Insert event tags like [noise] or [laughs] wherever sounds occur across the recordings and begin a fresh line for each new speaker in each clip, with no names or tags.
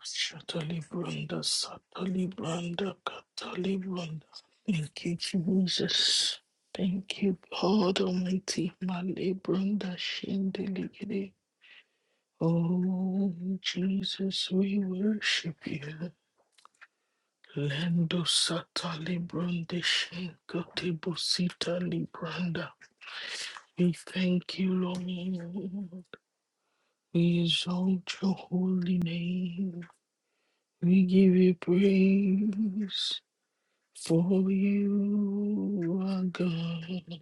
Shatali Branda, Satali Branda, Katali Branda. Thank you, Jesus. Thank you, God Almighty. Male Branda Shindeligidi. Oh, Jesus, we worship you. Lendo Satali Branda Shinkati bosita Libranda. We thank you, Lord. We exalt your holy name. We give you praise. For you are God,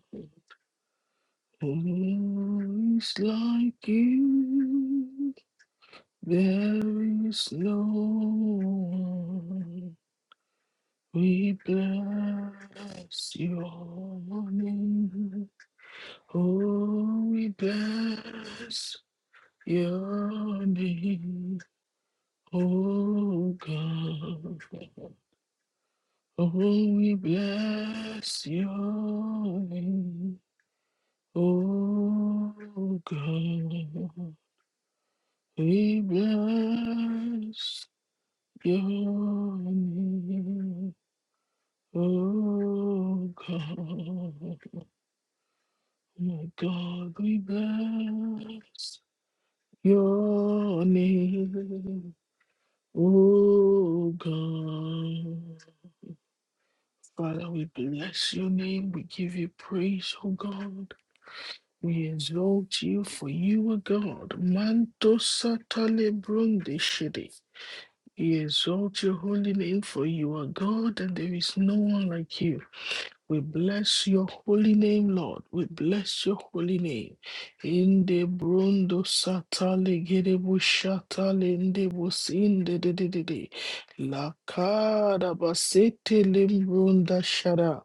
who is like you? There is no one. We bless your name. Oh, we bless your name, oh God. Oh, we bless your name. Oh God, we bless your name. Oh God, my God, we bless your name. Oh God, Father, we bless your name. We give you praise, oh God. We exalt you for you are God. Manto satale brunde shede. We exalt your holy name, for you are God and there is no one like you. We bless your holy name, Lord. We bless your holy name. In the brundo satale gerebu shatale in the bus in the de de de de. La cara basete limbrunda shara.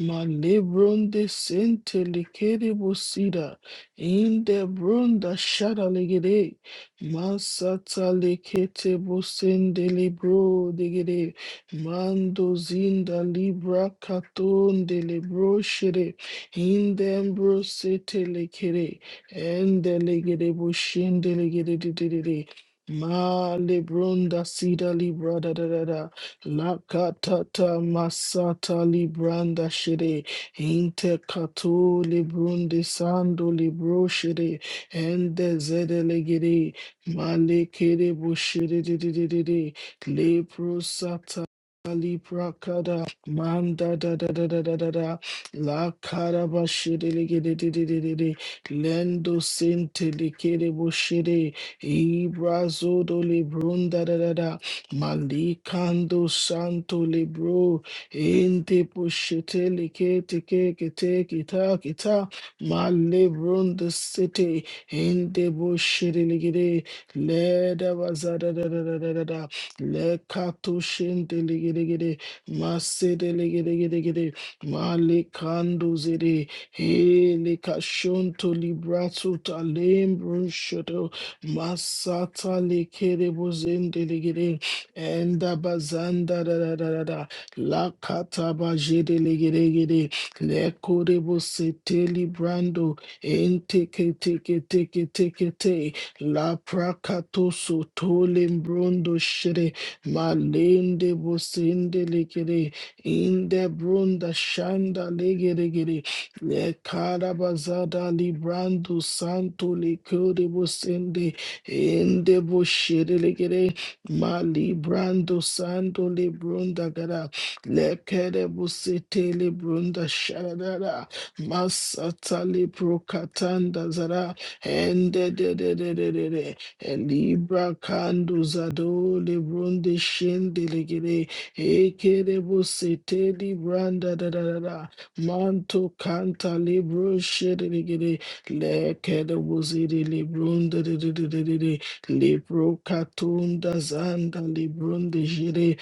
Ma lebrunde sente likerebu sida. In the brunda shara legere. Ma satale kete busende libro de gere. Mando zinda libra katon de lebro shere indembro sete lekere ende legere boshende legere de de de de ma lebronda sida libra da da da da la katata masata libranda shere inte kato lebronde sando libro shere ende zede legere ma lekere boshere de de de de de Leprosata Libra kada manda da da da da da da da la kada bashiri ligi di di di di di lendo sente likere bushiri Ibrazodo zodo librunda da da da malikando santo libro ente pushite likete ke kete kita kita malibrunda city ente bushiri ligi di leda bazada da da da da da da Lekato shendelegedegede. Masedelegedegedegede. Malekando zede. Hele kashonto librato talembro shoto. Masata lekede bozendelegede. Enda bazanda da da da da da. Lakata bajedelegedegede. Lekode bosete librando. Ente ke te ke teke ke te ke te. La pracato so tolembrondo Malende bosende lekere. Inde brunda shanda legeregere. Le karabazada librando santo lekere bosende. Inde boshere legere. Malibrando santo lebrunda gara. Lekere bosete lebrunda sharadara. Masata leprokatanda zara. Ende de de de de de de. Libra Canduzado Lebronde Shendelegere Ekerebo Sete Libranda da da da da Manto Canta Libro Shedelegere Lekerebo Zede Lebronda de de de de de de de, Libro Catunda Zanda Lebronde Jere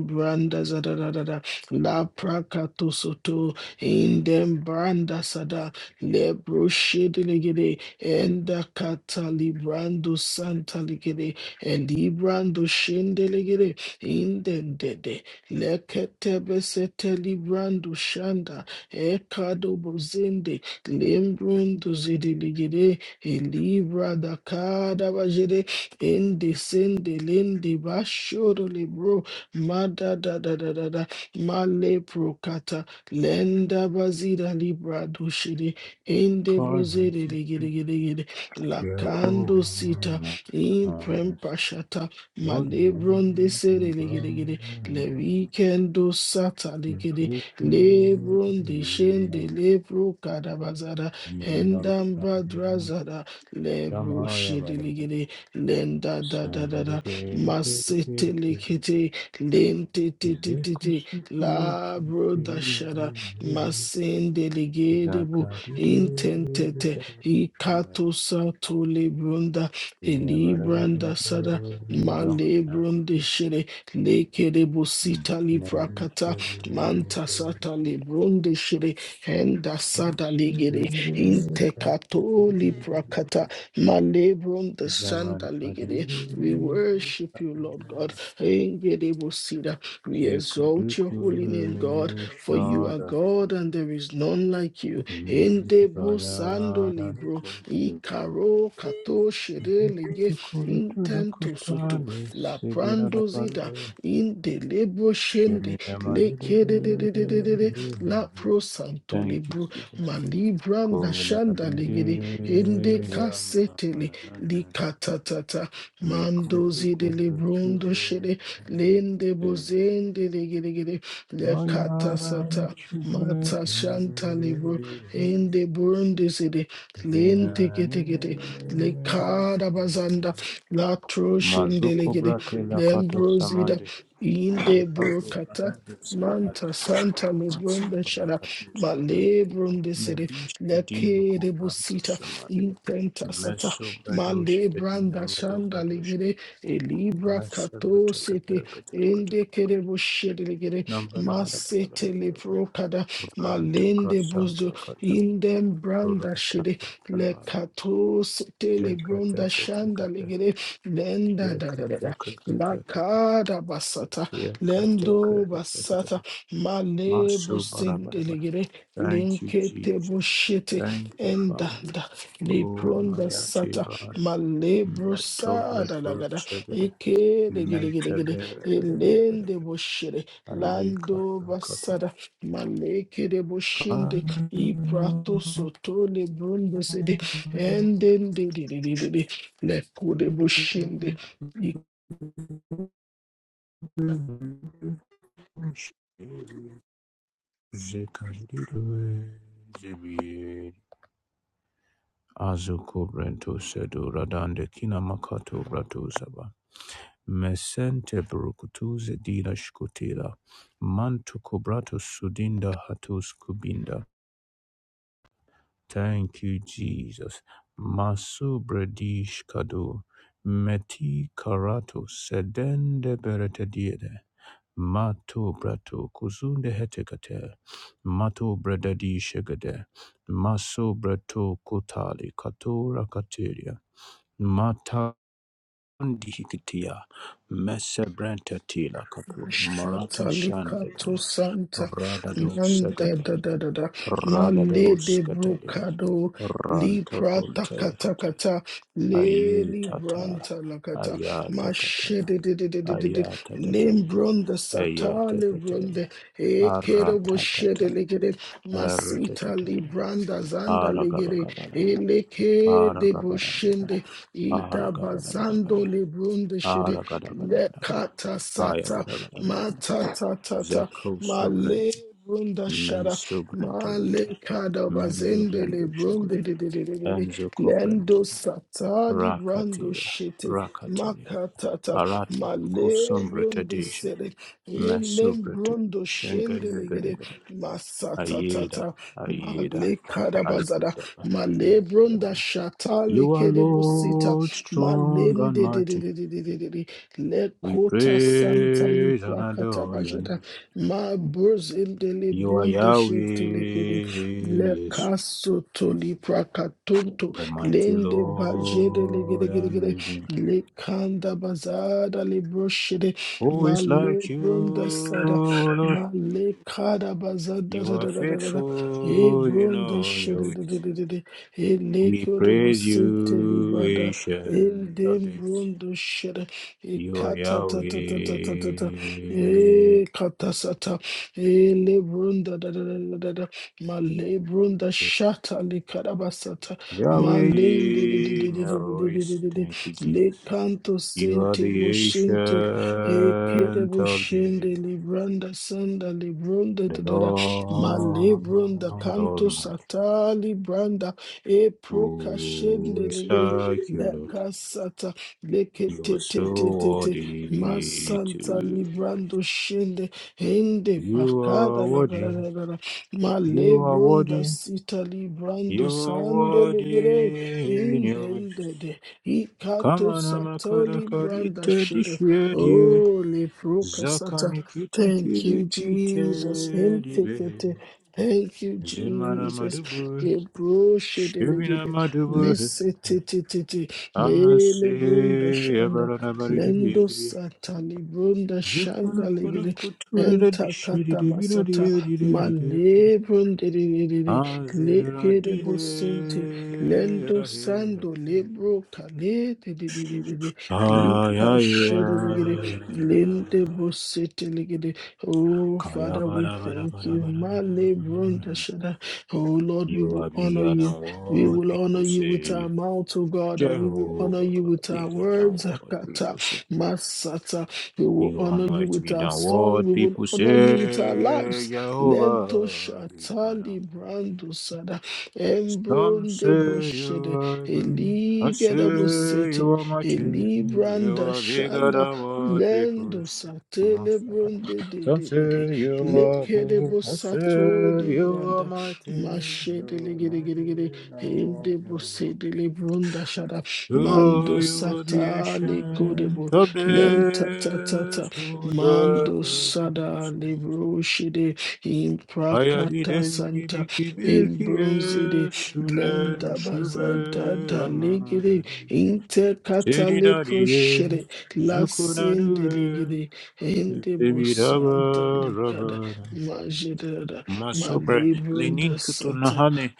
Branda za da da da da La Pracato Soto Indem Branda Sada Lebro Shedelegere enda kata librando santa ligere, and librando shende ligere indendede lekete besete librando shanda ekado bozende lembrundo zede ligere e libra da kada bajede ende sende lende bashoro libro mada da da da da da male prokata lenda bazida libra do shede Ende
Columns,
bozere Inde bozerigirigirigiri.
the
Lakando sita.
woman, columns,
Imprempa shata.
Lord, you
Malebron de sere legere gere le weekendo sata ligiri. Lebron de shende lebro kadabazada. Hendam badrazada. Lebro shidiligiri. Lenda da da da da. Masete likiti. Lente ti ti ti ti. Labro da shada. Masende legere bu
Zakadide,
intentete ikato sato lebrunda elibranda sada
Zakadide,
malebrunde shere lekere
Mm.
busita librakata manta sata lebrunde shere henda sada legere intekato librakata malebrunde sanda legere we worship you Lord God engere busida we exalt your
Zikuduku
holy name God for you are
shada
God and there is none like you Endebo sando
mezibaya
libro.
nakusu
Ikaro kato shirelege.
zikudukuru
Intento soto.
tulukutane
La
sibirada
prando zida.
bandu
Indelebo shende.
shemina madudu.
Lekede de de de de de de. La pro santo
Thank you,
libro.
Jesus.
Malibranda
Kola
shanda
bide
legede. Ende
ya
kasetele.
manana,
Likatatata. Mando
mikuzu
zide
kuzu
librondo
sube.
shede. Lende bozende legede. Lekata
Ayana
sata.
çubure,
Mata shanta libro. In Inde burundi sidi linti
zinane.
kiti kiti likada bazanda la troshinde
Mazuko
ligidi
brate lakato samande.
In inde
Ricardo
burkata
Adante Samad.
manta santa
Matsu
lubunda shara
barakatu sabada.
malebrundi sidi
Medish idinu
lekede
kupranto
busita
samad.
intenta sata
Meso bradosh
malebranda shanda
edina
ligidi elibra
Thank you,
kato siti inde kede bushidi ligidi masete leprokada malende Bus Inden branda shede le katos tele bronda shanda ligere lenda da da da da la kada basata lendo basata male bosende ligere linkete
Jesus.
bushete
Thank you,
enda
Father.
da le
Oh, my
pronda sata
Tibara.
male
Meto,
brosada
Meto,
lagada
Chegre.
eke ligere ligere
Mente,
ligere
Bere, Bere, Bere, Bere.
elende boshere
Ayika,
lando
Kata,
basada male kere
Azukubrento
boshende I prato sotole brunde sede. Enden de de de de de de. Lekode boshinde.
sedu radande kina makato bratu saba. Mesente brukutuze dina shkutila. Mantu kubrato sudinda hatus kubinda. Thank you, Jesus. Masubredish kadu meti karato sedende beretediere mato brato kuzunde hetekate mato bredadi shegede maso brato kutali katora kateria mata ndihikitia mesebrenta tila katu marata
Shatalikato
shandene
Santa
radado
Manda
segede
da da da da Male
Radados
de
Katelia
Brocado
Ranto
Libra
Contelekate
Takatakata Leli
Ayutata
Branta Lakata
Ayatatata
Mashede de de de de de de de
Ayatatatale
Lembronda Satale
Ayatetetele
Bronde Ekedo Boshede
Aratatata
legere. Masita
Aratetetele
Libranda Zanda legere,
Aragabagabalaba
Eleke de
Aragabalabala
Boshende Ida Bazando
Aragabalabala
Lebrunde Shede
Aragadabalabala
Lekata Sata ma
Ayagadabalabala
ta ta ta ta,
Zeko
ma
Subrent
le brunda
Men
shada,
Subrent
ma le kada
Mendo
bazende le
Brando Sugar
brunde de de de de de de,
Enzo Coprent
lendo satali brando
Rakatira,
shete, ma
Rakatira,
ka ta ta,
Aratu,
ma le brunde
Kusumbratadisha,
sede, e le
Masubratu,
brundo shende le gede,
Shanganagada,
ma sa ta ta
Ayeda,
ta, ma
Ayeda,
le kada bazada, ma le brunda
Ayeda.
shata le
You are
kede busita,
Lord,
ma
strong and
lende de de de
mighty.
de de de de de. Le
We
kota santa li
praise and
prakata
adore your
bajeda.
name.
Ma burs in de li
You are
brunde
Yahweh,
shinte le kede. Le
yes,
kaso to li prakatunto.
the mighty
Lende bajede le
Lord
gede gede
and
gede.
Redeemer.
Le kanda bazada le broshede.
Who
Ma
is
le
like you,
brunda sada.
Lord?
Ma le kada bazada
You
da
are
da da da da da. E
faithful in
brunda
all your
shede de de
ways.
de de de. E le
We
kyo de bo
praise
sinte li
you,
brada. E
ancient of
dem
days.
brunda shede.
You are
Ikata ta
Yahweh.
ta ta ta ta ta ta Ikatatatatatatata. Ekatasata. Elebrunda da da da da da da. Malebrunda shata likarabasata.
Yahweh
Malende de de de de
in
de de
your
de
ways.
de de de.
Thank you, Jesus.
Lekanto
You are
sente
the
bushinte. Ekede
ancient of days.
bushinde libranda sanda librunda
The
da da da.
Lord
Malebrunda kanto
Almighty.
sata libranda. E
Who
prokashende
is
legere.
like you, Lord?
Lekasata
You are so
leketetetetete
worthy to
masanta
be praised.
librando shende hende
You are
pakada
worthy.
lagarara
You are
malebronda
worthy.
sita librando
You are
sando legere
worthy. You-
indendede
Come
ikato
on, I'm a
sato libranda
karakarite
shende
dişveriye.
oh leproka sata
Zakani kiti
Thank
kili
you, Jesus. Him
kiteri be.
tikete. Thank you,
Zemana
Jesus.
madubu.
Ebro
Şevina
shedelegede.
madubu.
Miss
Ama se
Mele brunda shanda.
yabarana bari dibi
Lendo
dibi.
satali brunda shanda
Zıkkını kunu
ligiri.
kuturu da
Enta
dişleri de bir
katabasata.
araya
Male brundiririri.
Azira
Lekere
dile
businti. Lendo
ahe.
sando lebro kale. didididiridi.
Ay,
Lika
ay,
shiri ligiri.
ay, ay,
Lende
ay.
busiti ligiri. Oh,
Kaya
Father, we
bada bada
thank
bada
you.
bada bada
Male
bada
brunda
bada.
shanda. Oh, Lord, we
You
will
are
honor
bigger
you.
than
We
what
will honor
people
you with our
say.
mouth, O God, and we will honor
Jehovah,
you with our
bigger than
words,
what
Akata,
people say.
Masata. We will
You are
honor you with
mighty
our
than
song.
what
We will
people
honor you with our
say.
lives. Lento
Jehovah, bigger than
shatali
what people say.
brando sada,
Some
embronde
say you
broshede,
are good, I say
eligeda
you
bosete,
are mighty, you
elibranda
are bigger
shanda,
than what people
lendo
say.
satele
Masaka.
bronde de
Some
de de de,
say you are
lekede
good, I say
bosato
you are
libranda,
mighty, you
mashede
are mighty,
Ligede
no, no.
Debo sede lebrunda shada
So
mando
you are the
sata leko
ancient
debo
of
lenta ta ta ta
days who
mando
dwells.
sada libro shide
Hayali
imprakata
delki
santa
biki bilki
elbronzide
esule
lenda
nuşube
bazada da legede interkata lepro
Eridariye,
shede lasende
Zukuranue,
legede endebo santa
Evidaba
lekada
Rabada.
majeda da
Masobre, Lenin
malebrunda santa
Kutunahane,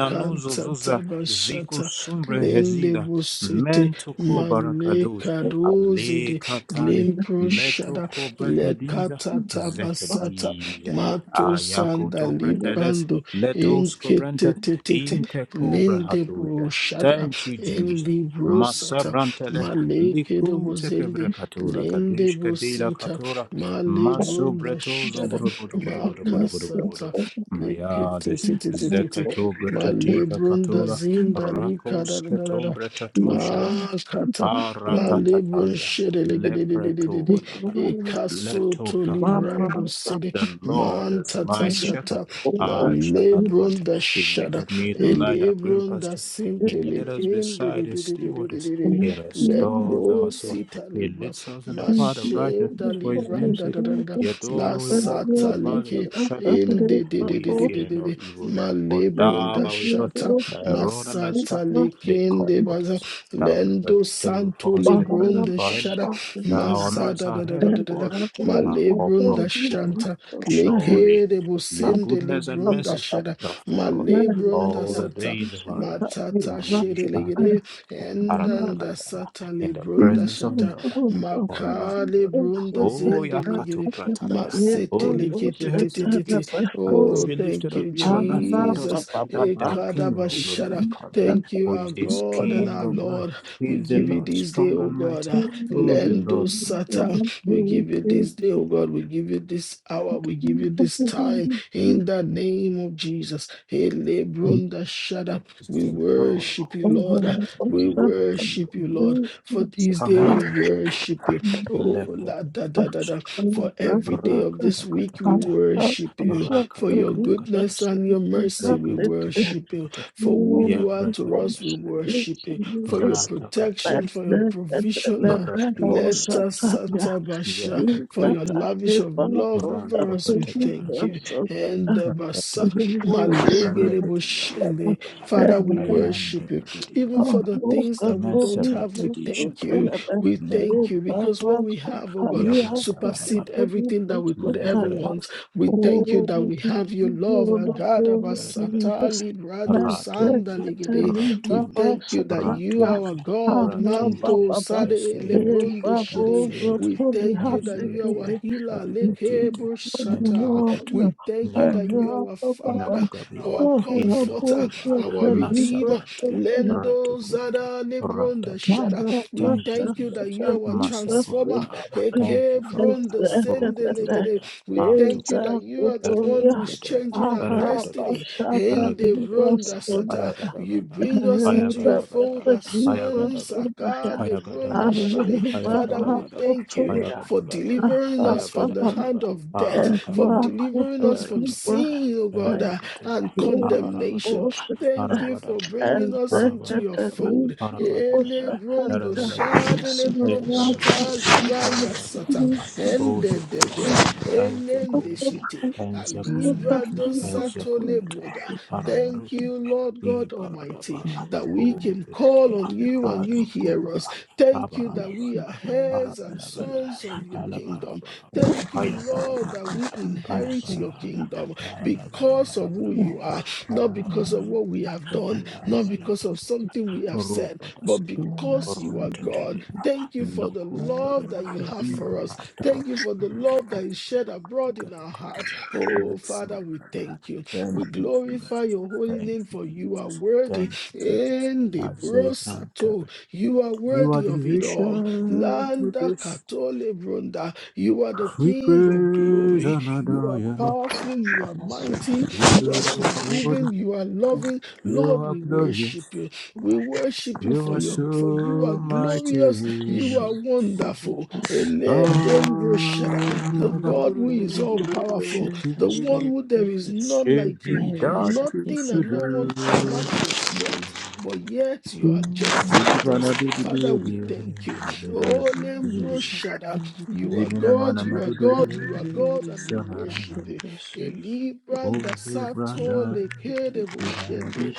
Thank
Zuza, Ziku
tabashata
Sumbre
lende
Hezida,
busete
Mentoko Barakadosh,
maleka
Ale
dozide
Katale,
lembro shada
Letoko Brekadiza,
lekata tabasata
Zekadiya.
mato
A
sanda
yakoto preteles
librando
leto
enkete
skubrentas
tete
interkobra
lende
hatuje.
bushada
Thank you, genius.
endi
Maso
brosata
brantele
maleke de
liku
bozende
tekebrakatula ka
lende
deška dila
busita
katula.
male
Maso
brunda
bruto zubo
shada
bruto bruto bruto bruto bruto bruto bruto.
makasata lekete
Myardes
tete tete
zekato
ma
bratika
da
katula
zinda lika da
rakus
da da da
ketom
da
you.
bratatusiag.
ma kata
A
ma lebrun
ratatatalia
shere lege
le
de de de de
bruto
de de
vala
e
le
kaso
to
to
prakatia.
librando sede
The Lord
man
is
tata
my shepherd,
shata ma
I shall not want.
lebrunda
He
shada
maketh me to
e
lie down green
da
pastures. He
sinte
leadeth us
leken de de
beside
de
his
de de
still
de de
waters.
de de
He restores
leko
our soul.
sita
He
libra
leads us in the
ma
path of righteousness
sheda
for his name's
libranda
sake.
da da da da
Yet
la
though we walk through
sata
the valley of
leke
the shadow of
in
death,
de de de
we
de de de
fear no
de Indididididididi.
evil. For thou
Malebronda
art with us,
shata.
thy rod and thy staff,
Masata
they
lekende
comfort
baza.
us. Thou preparest
Lendo
a table
santo
before us in the presence
lebronda
of our enemies.
shada.
Thou anointest
Mazada
our
da da
head
da
with
da
Thank
da da.
oil, and
you.
our cup
Malebronda
runs over.
shanta.
Surely
Lekede
your
bosende
goodness and
libronda
mercy
shada.
shall follow us
Malebronda
all the
sata.
days of our lives,
Matata
and we
shere
shall dwell
legere. Endanda
Aragadagadaga,
sata
in the
lebronda
presence of the
shata.
Lord forever.
Makale brunda
Oh,
zende legere
Yakato Pratariba, oh, lift up your heads, O you
Masetelekete.
gates, and even
Oh,
be
thank
lifted up,
you,
ye everlasting dust,
Jesus.
that the King of glory may
Ekadabashara.
come.
Thank you,
Who
our
is this
God and
King
our
of glory?
Lord.
He
We
is the
give you
Lord
this day,
strong
oh
and
God.
mighty.
ah,
Oh, the Lord
Lendo
mighty
Satan. We give you this day, oh God. We give you this hour. We give you this time. In the name of Jesus. Elebrunda Shada.
is
We
the Lord of
worship you,
hosts.
Thank
Lord. ah,
He
We
is the King.
worship you, Lord.
you.
For this day
Come.
we worship you. Oh, la
Lepebre,
da da da da.
Shakata,
For every day of this week, we
Rakatakata,
worship you. For your
Rakatakata,
goodness and your mercy, we worship you.
Zakatakata,
For who you are to us, we
Yavratabele,
worship you. For your
Ratakata,
protection, for your provision, uh,
Rakata,
let us satabasha.
Yetu,
For your lavish of love over
Ranto
us, we thank you.
Bratabla,
And the basa malegereboshende.
Ratabla,
Father, we
Ayanda,
worship you. Even
Oh,
for the
we
things
give
that we don't
you
have, we
Mesabratadi
thank you.
Shatale,
We
Leko
thank you because what
Rantaba,
we have, oh God,
Yavranta
supersede
Barabada,
everything that we could ever want. We thank you that we have your love,
all
our
the
God, our
glory, Jesus.
Satali, Brado,
My
Ratuza,
Sandaligede.
secretary,
We
Ratuza,
Baba
thank you that you
Satana,
are our
Ratuza,
God,
Abba, Baba,
Ratuza,
Manto,
Baba.
Sade,
Esayente,
lebronde,
Eba,
Deshire.
Rosa,
Ensayete,
We
Toli,
thank you that you are
Ensayete,
our
Hadekete,
healer, Leke,
Enzetiete,
for the
and
Bushata.
world.
Hokuto,
We thank
I
you that you
Nakatu,
have
are our
Baba,
Father,
Inakugabia,
our
Inde
Baba,
Comforter,
Baba,
Hokoba,
our Redeemer,
Masabrante,
Libra,
Lendo,
Ratakunte,
Zada, lebronde,
Ratatu.
Deshire.
Libra,
We
Thank you,
thank you that
Jesus.
you are our transformer.
Masaburada. Thank
Eke
you, Father.
brondo sendelegede.
Rokuturia.
We thank you
Atokoto.
that you are the one who is
Ergadagada.
changing our
Ergadagada.
destiny. Ende
Ragadagada,
bronda sata. You
ayagadagada,
bring us into your
ayagadagada,
fold as sons.
ayagadagada,
Akale brondo
ayagadagadaga,
shere. Father, we
ayagadagadaga,
thank you for
ayagadagadaga,
delivering us from the
ayagadagadaga,
hand of death, from
arakapolo,
delivering us from
erekepele,
sin, oh God, uh,
ereketele,
and condemnation.
arabadaba,
Thank you for
arabadabadaba,
bringing
and
us
the
into your
arabadabadaba,
fold.
Catalina
arabadabadaba,
Elebrondo
erebelebelebe,
was
shadelebro
right
kata
erebelebelebe,
of the
libranda sata
arabadabadaba, ozokosi,
endedede elende
enzokosi,
shite
enzokosuya,
Thank
alibrado sato
enzokoyata,
lebroda. Thank
Arabaruti
you, Lord God Almighty,
Baradaba
that we can call
Ovidia
on you and you hear us.
Azekobara
Thank you that we are
Abaradabara
heirs and
Arabarabala
sons of your kingdom.
Alabarabaraba
Thank you, Lord, that
Ayagadaga
we inherit your
Alabarala
kingdom because of who
Alabarabara
you are, not because of what we have done, not
Alabala
because of something we have said, but
Robadasiba,
because you are God,
Rontetelia,
thank you for the
Loco,
love that you have for us.
Indota,
Thank you for the love that is shed abroad in our hearts.
Gatakatala,
Oh,
Lexo,
Father, we thank you. We
Thank you,
glorify
Jesus.
your holy
Thank
name
you,
for you are
Jesus. Thank
worthy.
you, Jesus.
Ende
Azekanta.
brosato. You are
You are
worthy
the
of it all.
ancient of
Landa
this.
katole brunda. You are the
We
King of
praise
glory.
and
You
adore
are
you.
powerful. You are mighty. You are
You are worthy.
forgiving. You are loving.
You
Lord,
are
we
glorious.
worship you. We worship you
You
for
are
your for you are
so
glorious, you
mighty.
are wonderful. Eledem
Kaya
Roshada, the
barada
God
kuru
who
kuru
is all
kuru
powerful, the
kirgiri
one who there is
you.
none like
şebi
him.
Mary
datu
secreted
Nothing
the
and no one can
sudur.
match your strength, but yet you are
precious
gentle
Ebi
with us.
bana bidi
Father, we
bidi
thank you.
bidi
Oh
presence of
bidi.
Lembroshada,
Sacramento
you are
Zemine
God,
mana
you are
madudu
God,
and
you are God,
releases
and
the
we
sana
worship
attention
nama.
you.
precious
Elibranda
Ozu
in
Sato
brada.
a peculiar vibration set
Lekedeboshende.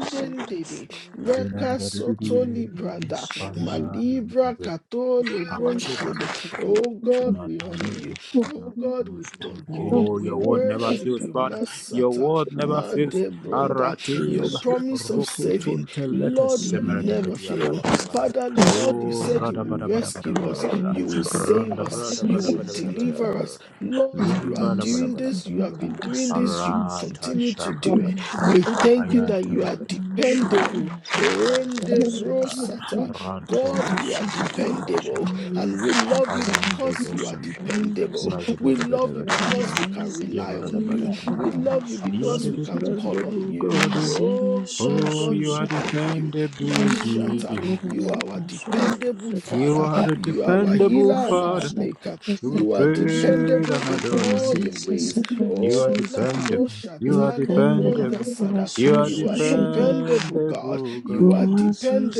afloat
Zemina
Leka soto
and
libranda.
renaissance of the
Malibra kato
core
lebron
of the
shede.
culture
Oh
to
God, we honor
the
you. Oh God, we thank you.
mind
Oh,
We
your
and the
word never
worship
fails,
you,
Father. Your
Masata,
word never
core
fails.
to the
Madebronda. Your
Aratib,
resources
promise
of
of
the
saving,
rukutun telete
Lord, you
kingdom of
semerete
never
petia bada
fail.
bada bada.
Father,
the property
Lord, you
of
Oh,
said you
brother,
will
bada bada bada
rescue
bada
us,
bada bada.
you will
the
save
Ronda
us,
brother,
you
bada
will
bada
processes
bada
of
bada
the
bada
deliver
bada
us.
bada.
Lord,
All
you
Limba
are
bada
these
bada
doing
bada
this,
bada
you
bada
secreted
have
bada.
been doing this, you will
associations will
Arata
be
continue to do
shakata
it.
bada bada.
We
developed
thank you that
Ayatem
you are
bada
from
bada
dependable.
short-term
Lambda
associations that
Endebrosata.
Kristo
Ranto
God, you are
akasusurutswe
Britta
dependable,
Shambada
n'abantu bamushagaye
and we love you
around the
because you are
Bosumba
yasusurutse
dependable.
akasusurutswe
We
Mazabada
love you because we
n'abantu bamushagaye
can
Yesu
rely on
Kristo
you. We
Yabarabada
love you
You are
because
the
we
akasusurutswe
can call on
dependable
you.
God.
yizeye
Oh, Lord
Oh
God,
you
we
asusurutse
are
thank you.
Ezo
dependable
Mashata, you
Jesus.
are our dependable
You
Father.
are a
You are our
dependable
healer and our
Father.
maker.
You will
You are
praise
dependable
and
in
adore your
all
name.
your ways.
You are
Oh, Lanto
dependable. You are
Shatale Bronda
dependable.
Sada,
You are
you are dependable, God.
dependable God.
You are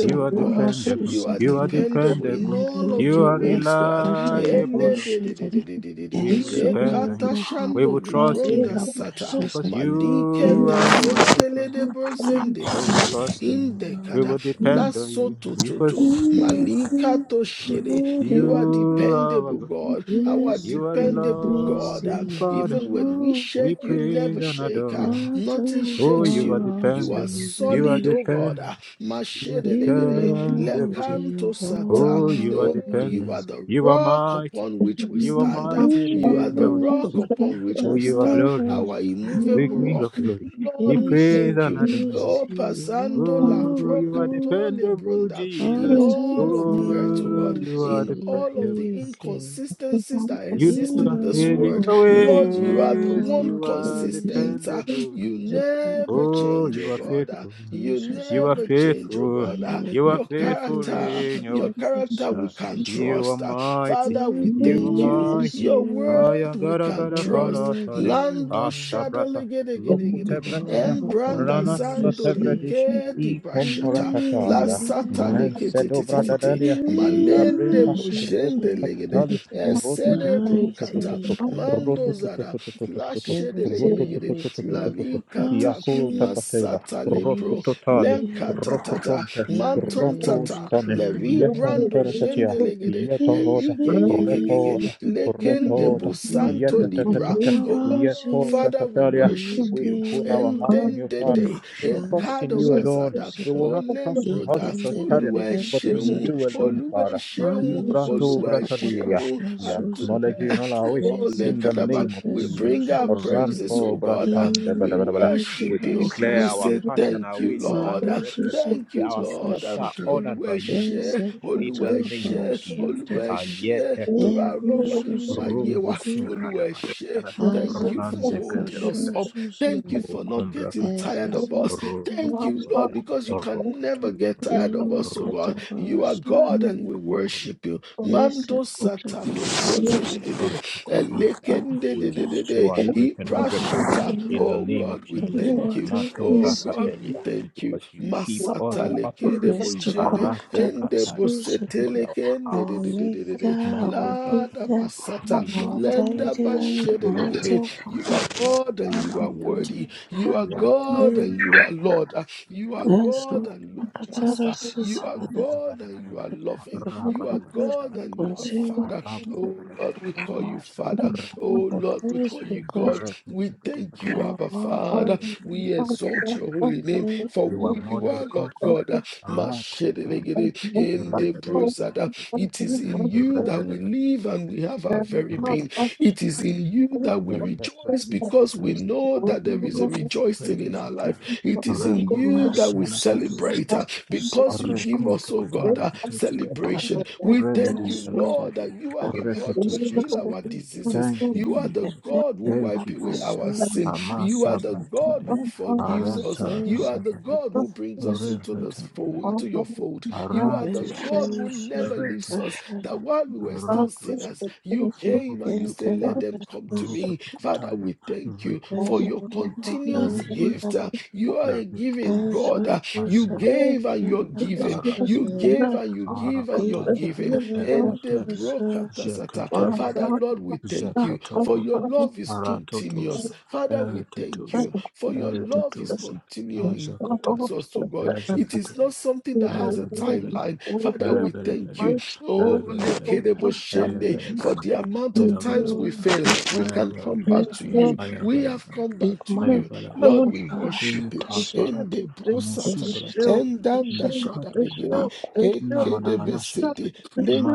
You are
God.
dependable.
You are
You are
dependable in
dependable.
all of
You
your
are
ways, God.
reliable.
Elededededededede.
We will depend on you.
Ekata
We
shando
will trust
mahakadi
in you
libronda
la
sata.
because
prasasada.
Malike
you are our shepherd.
tasentelede
We will
brzendeligede.
trust in you. We
Indegada.
will
Thank
You
depend on
Lasso
you because
tututu.
Yes,
Malika toshede. You are
you are our
dependable,
God.
God. Our
You are a
dependable
we
God. Ah,
loving
see
Father.
Even when we
you
We
shake, you
praise
never
and
shake.
adore
Ah,
your name.
all
Nothing
too
Oh,
shakes
you are
you.
far out
You
to
are
dependable. You are
solid,
you.
oh God. Ah,
dependable. You
You
Mashedelegede,
are
are dependable.
worthy
Lekanto
of all
Sata.
Oh,
our
you are
Oh, you
dependent.
are
praise.
the
You are
rock
mighty.
upon which we
You are
stand.
mighty
You are
in
the
your way.
You
rock
are
upon which
Oh,
the
we
you are
stand,
Lord
glorious.
of
our
Big
immovable
Lords.
ring of
rock.
glory. We
Lord, we
Yes,
praise
thank
and
you.
adore
we
you.
Oh,
see you
Basando la
Oh,
all
you are
too far
procatole
dependable,
brunda. In
Jesus.
out
all of the earth, oh
Oh,
God,
to
you are
in all of the
dependable.
you.
inconsistencies that
You
exist
You
never
in
are
this
fail in
world,
your
worthy
Lord,
of
you are the
ways.
one
all our
You are
praise.
consistent. uh,
dependable.
You never
Zapokata
Oh,
change, oh
you are
Prashata
God.
faithful.
You
You are
Susuzata
never change, oh
faithful.
God. Ah,
You are
Your
faithful
Inlibrekiti
character,
in your way.
your
Dashata
character we
Uh,
can
Susuzata.
you are
trust. Ah,
mighty,
Father,
You are
we
you are
thank you.
great as
mighty.
Your
you
Aya
word we
gara
can
are,
gara
trust.
O
faratali,
Lando
Lord.
shada
asabrata,
legede gede
lukute
You
gede.
walk
bretania,
Embranda
rana
upon the
zando
sea.
satebredish,
legedi
e
You
bashata.
raise
La
it
combaratatalia,
sata
up.
lekete
mercedo
tete tete.
bradadalia,
You reign
Malende
in
labreta,
bojende
majesty,
legede.
rukutatali,
Esede brokata.
mighty
rotototototototototo,
Mando
God.
zara. La
rotototototototototo,
shede legede
Everything,
gede.
everything
rototototototototo,
La
about
yakuru
you.
takatela,
Masata lepro.
He's
rokutotali,
Lenkata
great.
tata.
rokotonte,
Manton
Everything,
tata.
rotos
everything
Levi
about
Yekom
brando
you.
peratatia.
He's
jende legede.
he's
Yetoroda.
Evi
you.
gegegegege.
Repoda.
great.
Thank
Lekende
Repoda.
busanto
Everything,
Yetatata.
everything
libra. Oh.
about
Yeto
you.
Father, we
pratafalia.
He's
worship
We
you.
put our
great.
And
heart in
then
you,
the
The
Father.
day,
We
passion,
trust in
Ekado
you alone.
Bazada,
the
We will not trust in
Olembroda,
horses or
ikendere
chariot,
Oluwa
bere
but in
Sheun,
suzada
you alone,
şedere
Oluwa
Father.
Sheun,
maruzu
Kimbrato
Oluwa
sakata
bratadelia.
Sheun,
paşa
We acknowledge
suzedere
you in all
Adupe,
our ways
Ole
in the
Kadaba.
rezekete
name of
bere
We
Jesus.
bring our
suzedere
praises,
Ranto
oh God.
bratan de
inin
We
bada bada bada.
lasta
We
worship you.
lesta
declare
We
our
say
path and
suzede
thank
our
you,
ways are
Lord. Uh,
maruzu
directed.
Thank you,
sakata
Our
Lord.
steps
Uh,
paşa
are
dere
ordered by you, Lord.
Olúwaṣẹ́,
In
rezekuta
the name of
papara
Olúwaṣẹ́,
Jesus.
şedere
Olúwaṣẹ́, torí
eru
àrọ́wọ́
Ayeteketeketia.
yín nínú ayé
Rumbo
wa.
susedekedi
sunkadabaya.
Olúwaṣẹ́, Thank you for
azakata
Rande
holding
paşa
us
gebrebrebre.
up. Thank you
suzedere
for not
Rukumbra
getting tired
katalia.
of us.
ezezekete
Thank you, Lord,
Rutukutolia.
because you can never get
Rukutukutolia.
tired of
ima
us, oh
kata
God. You are
paşa
God and we
Rukutukutolia.
worship you.
Isa
Mando satale bronde de de
kutokana
de de.
We will
Omega,
sow
Elekendedededede.
and reap in hundredfold
Iprashata.
in
Omega,
the
Oh
name of
God, we
the
Jesus.
thank
Lord
you.
who
Matum
Oh
is to
God, we
Brakatelia,
thank you.
because you keep us
Masata
you.
in perfect
who
peace.
lekedebo
is to
Thank
jende
come,
Arata
the
endebo
Katalia,
pursues
as our
our
hearts.
setelekendedededede.
Maker,
Mati
our
Brakatelia,
Lada
Healer,
basata
your
our
lenda
Protatelia,
Guardian, the
your
bashedelegede.
Mighty
You are
Protatelia.
God and you are
Arata,
worthy. You are
Yata,
God
One,
and you are Lord. Uh, You are
and
God
so
and you are
Katara
Master. You
says
are
that
God and you are
the
loving.
Lord
You
Arata,
are
of praise
Arata,
God
we
and you are Father.
continually
Oh Lord, we
in our
call you
mouth,
Father. Oh
your
Lord, we
praise
call
we
you God.
continue
We thank
in
you, Abba
our
Father. We exalt your holy name
mouth,
for
you are
who
more
you
than a
are, Lord
conqueror.
God. Ah, Mashedelegede, Endebrozada. It is in you that we live and we have our very being. It is in you that we rejoice because we know that there is a rejoicing in our life. It is in
Rakutu
you that we
kutala
Imasusa
katusi
celebrate
Susa
because you give us,
Reconto
oh God,
Katala
uh,
Katosha Kataya.
celebration.
you.
We thank you,
Rebadisa
Imasusa
Kataya.
Lord, that you are the God who
Repetisha
Susa
heal our
Kataya.
Thank
diseases.
Thank you,
You are the
Jesus.
God who
Thank
wipe
you,
away
Jesus.
our
Ipapasus
sin. You are
Amasa
the God
Bratalia.
who forgives us.
Aranta
You
Azusa
are the God who brings us
Pasus
into this
Rempatandia.
fold, into your fold. You are the
Arati.
God who
Resus
never
Rete
leaves us.
Rashada
That
Pratisha.
while we were still
Arato
sinners,
Sutta.
you came and you said,
Ikentele
Let
Rukutukutaya.
them come to
Presus
me. Father,
Rukutukutaya.
we thank you for your
Rukutukutaya.
Resu
continuous
Erita.
Rakutila
gift. Uh, You are a giving
Erita.
God. Uh, you
Azusa
Arata.
gave and you're given. You
Arakatu,
Presus
gave and you give and you're
Arakataya,
given.
Ikentele
And the
Ekatebe,
Presus
brokatasata.
Zekatebe,
Father, Lord, we thank you for your
Zekatokopa,
love is
Aratotosa,
continuous. Father, we thank
Eretatosa,
you for your love is
Eretatosa,
continuing towards
Azakataya,
us, oh God. It is
Ezekatebe,
not something that has a
Erebelebelebe,
timeline. Father, we thank you.
Erebelebelebe,
Oh,
Erebelebelebe,
lekedebo shende
you.
for the
Erebelebelebe,
amount of
Thank
times
you.
we
Ayagalagala,
fail, we can come back
Ayagalagala,
to
Resus
you. We have
Ayagalagala,
come back to
Ima
you.
Ayagalagala,
Lord, we worship you.
Ikaparat,
Ende
They
brosata
should be
endanda
Likatu kupa.
shadalegede
thankful for
ekede
Namanamanasha.
besete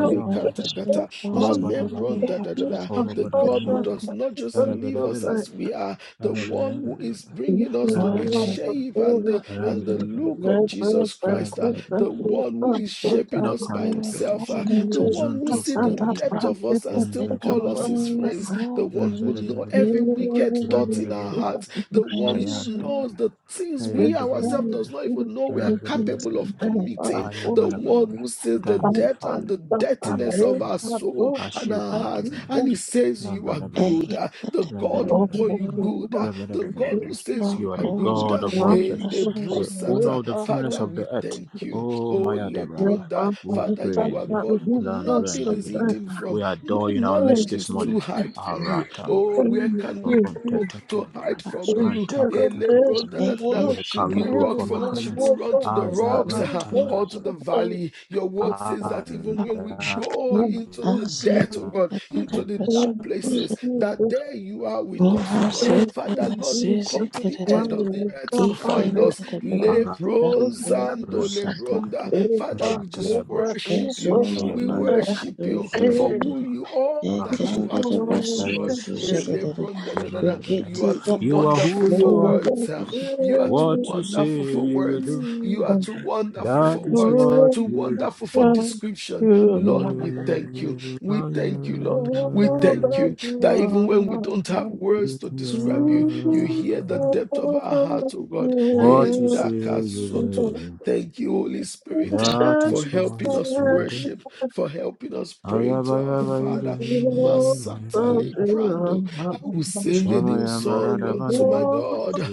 the Lord will
tame.
save
katakata
us, the
Robada
Lord will
malebron da
variba.
help
da da
us,
da the
Robada
the
God who
variba.
Lord
does
will
not just
created
Arabella
leave us
bella
us.
as we
bella.
are the one
Arabella
who
bella
is
bella.
bringing us to the
Arabella
Lord,
bella
he
shape
bella.
and the
asked us
and
not
the
to
look
fall
of
into
Jesus Christ ah,
the
Arabella bella
the
bella.
Lord.
one who is
Lord,
shaping
Na
us by
enemy
himself
contemplatisha,
fall
ah, the
into the
one who
zuntu
see
pit
the
that they have.
depth
contetina,
of us and
Let
still
enza
call
our
us his
enemy
contemplativa,
friends the
fall
one
into
who
rambere
the
know
bere bere
pit
every
bere,
that
wicked thought in
rambere
our
bere
heart
bere,
the one
and
who
ayanta
so
knows
bere,
the things
Thank
we
ayanta bere
ourselves does
bere,
not even know we are
rambere
capable
bere
of committing,
Ala,
the
bala, bala,
one
bala.
who sees the
Thank you,
depth and
Father.
the
Thank
dirtiness
you,
of our
Father.
soul and
Ashia
our
branta
hearts,
Bala,
and he says you are
Rambala bala,
good,
bala.
Eya
Uh, the
let the
God
Rambala
who
Bala, bala,
call you
Lord
good, uh,
Rambala
the
bala. Bala,
God who
bala.
says you
You are
are
the
go to
good.
God
uh,
the
of all flesh,
In the
pastors
the
and
owner
brosata,
of the fullness
Father,
of
we
the earth.
thank you.
Oh,
Oh,
Maya Dabraba,
Lebronda,
we
Father, you
praise
are
you.
God who nothing
Lambranda
is
bala, bala.
hidden
you.
from,
We adore
no
you in our midst
knowledge
this
is too
morning.
hard from you.
Aratam
Oh,
bala, bala.
where can we go? to
Runtatatalia.
hide
the
from you.
pastors.
Elebron, da,
Rantakatakalia.
da, da, da.
Eya
Where can
Should
we
we
told
go
rock
from
him.
your
from should we
presence?
run to the rocks [laughs]
Azabranta bala
or to
bala.
the valley? Your
You
word
are
says that even when we
Rakopasha
go into the death, oh God, into the dark
Thank you,
azekedebresuze
places, that
Jesus.
there you are with us, oh God.
Thank
Father
you,
Lord, you
Jesus.
come to the end
minazebenasizekedede
of the
Mano,
earth to find
cabaleiro,
us.
ikendebebe
baixo,
Lebron
todo mundo.
Zando Lebronda.
razozusaprakuda
Father,
Epa,
we just
puta,
worship you.
epa,
ezoma
We
namba
chutaia.
worship you for
Ei,
who
zozuzedede
you are that you are to us, oh God. Hey,
ekendebresuzuzedede
Lebron, da, da, da, da. You are too wonderful
who
for
rikitidapashatazuze
you are,
words. uh, You are too
what you say
wonderful for
you will
words.
do,
You are too wonderful
that
for
is
words.
what
Too
you do.
wonderful for description. Lord, we thank you.
You
We
are,
thank you,
you,
Lord. We thank you that even when we don't have
are,
words to
you
describe you, you hear the
are
depth of our heart, oh God.
what you say
vamos,
you will
Endakasoto.
do.
Thank you, Holy Spirit, uh,
That
for
is why
helping us
you do.
worship, for helping us pray to our Father.
Thank
Ayabayabaribe,
Masatale Prando. I will sing a new song unto
Shamayamaradabana,
my God.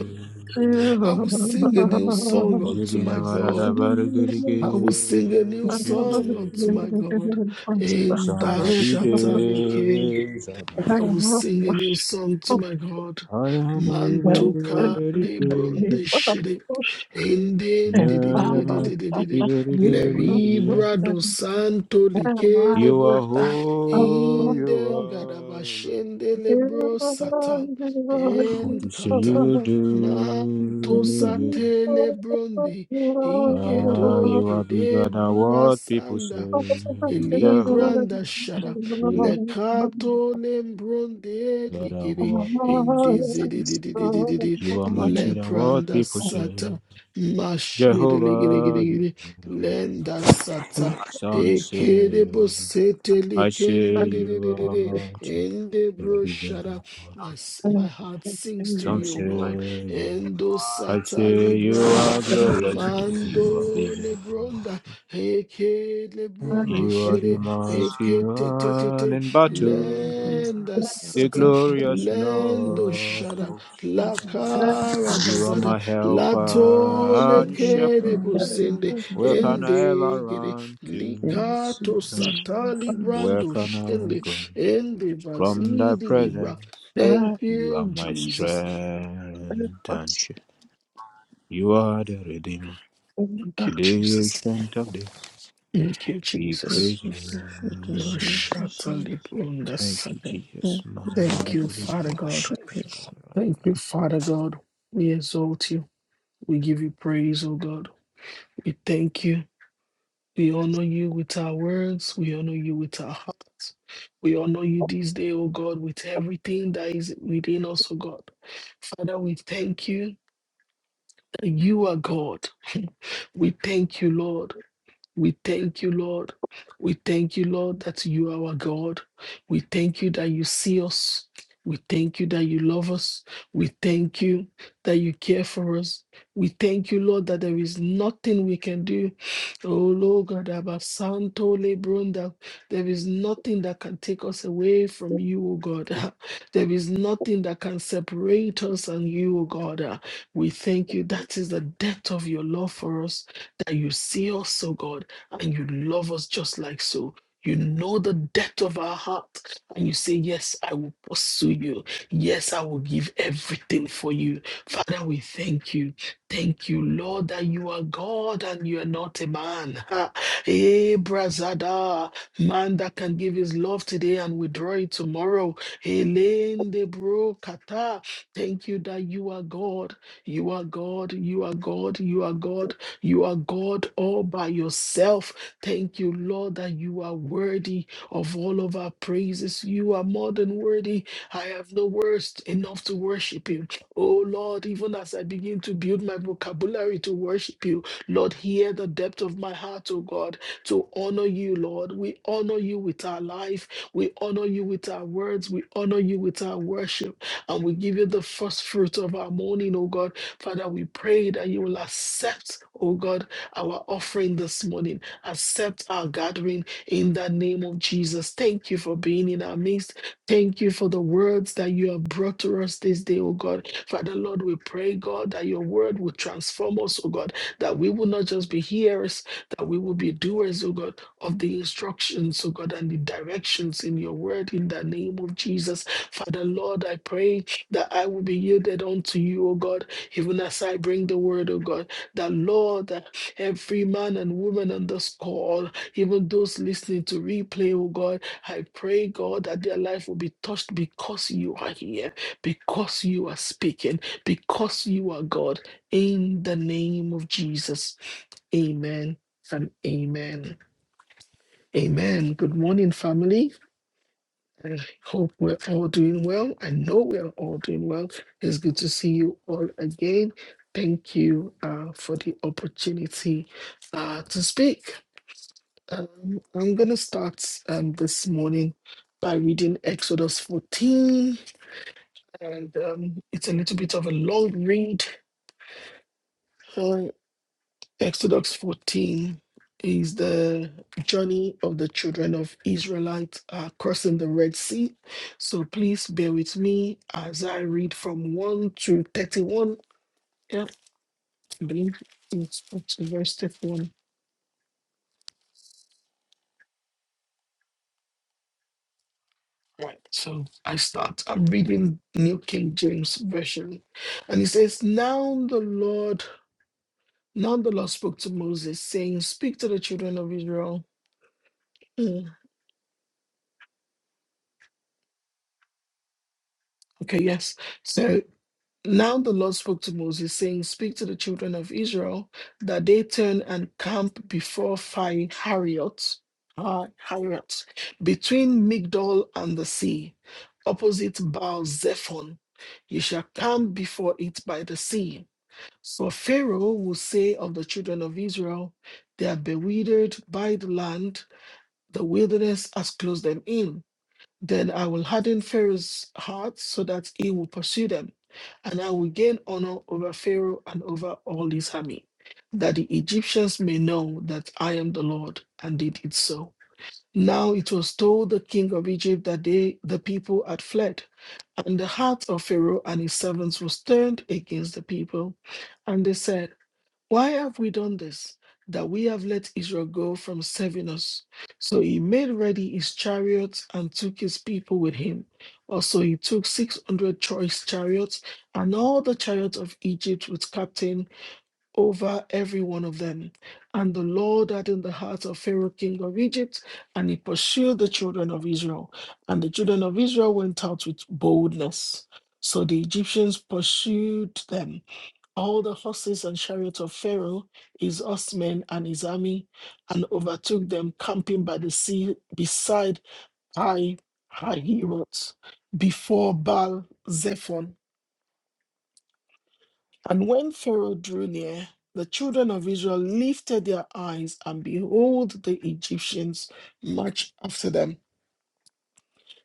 [laughs] I will sing a new song unto my God. I
Jibinamaradabarigirige,
will sing a new song unto
Shibiribi,
my God. In the Shataleke,
Samadide, Zaba,
I will sing a
you.
new song to my God. Mantuka Lebron
Ayabayibirike,
de Shide. Indin di di di di di
Jayaba,
di di di Le
Iberidebi.
vibra do santo
You
le
are who you
Inden
are.
gadabashende lebro satan
What you
and
say
kata
you do,
manto
Thank
you do.
sate lebronde
Ah,
ikedo
you are bigger
kede
than what people
brubasanda
say. Jehovah,
Elibranda shara
bigger
lekato lembronde
than
likiri
what people say.
indizididididididi
You are mightier than what
lepranda
people say.
sata mashiri
Jehovah, you are
ligirigirigiri
bigger than what
lenda sata
some say
ekere
you are.
bosete
I say you are
likindididididi
mighty.
ende
You are bigger
broshara
than what
my, s- my
you.
heart sings to
some
you O
say
God
you are.
endo
I
sata
say you are
libranda
glorious. You are
mando
bigger than
lebronda
what people.
Eke lebron de
You are the
shere,
mighty
eke te te te
one
te,
in battle.
lenda
the
sata,
glorious
You
lendo
could have
Lord of
shada,
said
hosts.
la
Thank you
cara
You are
bazada,
my
la
helper
tole
and shepherd.
kere buzende,
Where can I ever
ende gere,
run to?
likato sata
Where
librando
can I
shende,
go
ende
from thy
vazidi libra.
presence?
Thank
You are
you,
my
Jesus.
strength and shield. You are the Redeemer,
Thank you,
the
Jesus.
ancient of days.
Thank you,
We
Jesus.
praise you.
Mashata libronda
Thank you,
sata.
Jesus. Mother
Thank you, Father
Maria.
God. Thank you, Father God. We exalt you. We give you praise, O God. We thank you. We honor you with our words. We honor you with our hearts. We honor you this day, O God, with everything that is within us, O God. Father, we thank you that you are God. [laughs] we thank you, Lord. We thank you, Lord. We thank you, Lord, that you are our God. We thank you that you see us. We thank you that you love us. We thank you that you care for us. We thank you, Lord, that there is nothing we can do. Oh, Lord, God, about Santo Lebrunda, there is nothing that can take us away from you, oh God. [laughs] There is nothing that can separate us and you, oh God. We thank you. That is the depth of your love for us, that you see us, O God and you love us just like so. You know the depth of our heart, and you say, Yes, I will pursue you. Yes, I will give everything for you. Father, we thank you. Thank you, Lord, that you are God and you are not a man. Hey, Brazada, man that can give his love today and withdraw it tomorrow. Elaine de Bro Kata, thank you that you are God. You are God. You are God. You are God. You are God all by yourself. Thank you, Lord, that you are worthy of all of our praises. You are more than worthy. I have no words enough to worship you. Oh, Lord, even as I begin to build my vocabulary to worship you, Lord, hear the depth of my heart, oh God, to honor you, Lord. We honor you with our life. We honor you with our words. We honor you with our worship. And we give you the first fruit of our morning, oh God. Father, we pray that you will accept, oh God, our offering this morning. Accept our gathering in the name of Jesus. Thank you for being in our midst. Thank you for the words that you have brought to us this day, oh God. Father, Lord, we pray, God, that your word will transform us, oh God, that we will not just be hearers, that we will be doers, oh God, of the instructions, oh God, and the directions in your word in the name of Jesus. Father, Lord, I pray that I will be yielded unto you, O God even as I bring the word of God, that Lord, that every man and woman on this call, even those listening to replay, oh God, I pray, God, that their life will be touched because you are here, because you are speaking, because you are God. In the name of Jesus. Amen and amen. Amen. Good morning, family. I hope we're all doing well. I know we are all doing well. It's good to see you all again. Thank you uh, for the opportunity uh, to speak. Um, I'm going to start um, this morning by reading Exodus 14, and um, it's a little bit of a long read. Um, Exodus 14 is the journey of the children of Israelites uh, crossing the Red Sea. So please bear with me as I read from 1 to 31. Yeah, I believe it's up to verse 31. Right. So I start. I'm reading New King James Version. And it says, Now the Lord, now the Lord spoke to Moses, saying, Speak to the children of Israel. Mm, Okay, yes. So Now the Lord spoke to Moses, saying, Speak to the children of Israel that they turn and camp before Phi Hariot, Hi- Hariot, between Migdol and the sea, opposite Baal Zephon. You shall camp before it by the sea. For Pharaoh will say of the children of Israel, They are bewildered by the land, the wilderness has closed them in. Then I will harden Pharaoh's heart so that he will pursue them, and I will gain honor over Pharaoh and over all his army, that the Egyptians may know that I am the Lord, and they did so. Now it was told the king of Egypt that they, the people had fled, and the heart of Pharaoh and his servants was turned against the people. And they said, why have we done this? That we have let Israel go from serving us. So he made ready his chariots and took his people with him. Also, he took 600 choice chariots and all the chariots of Egypt with captain over every one of them. And the Lord hardened the heart of Pharaoh, king of Egypt, and he pursued the children of Israel. And the children of Israel went out with boldness. So the Egyptians pursued them all the horses and chariots of Pharaoh, his horsemen and his army, and overtook them camping by the sea beside Hai Hahiroth, before Baal Zephon. And when Pharaoh drew near, the children of Israel lifted their eyes, and behold, the Egyptians marched after them.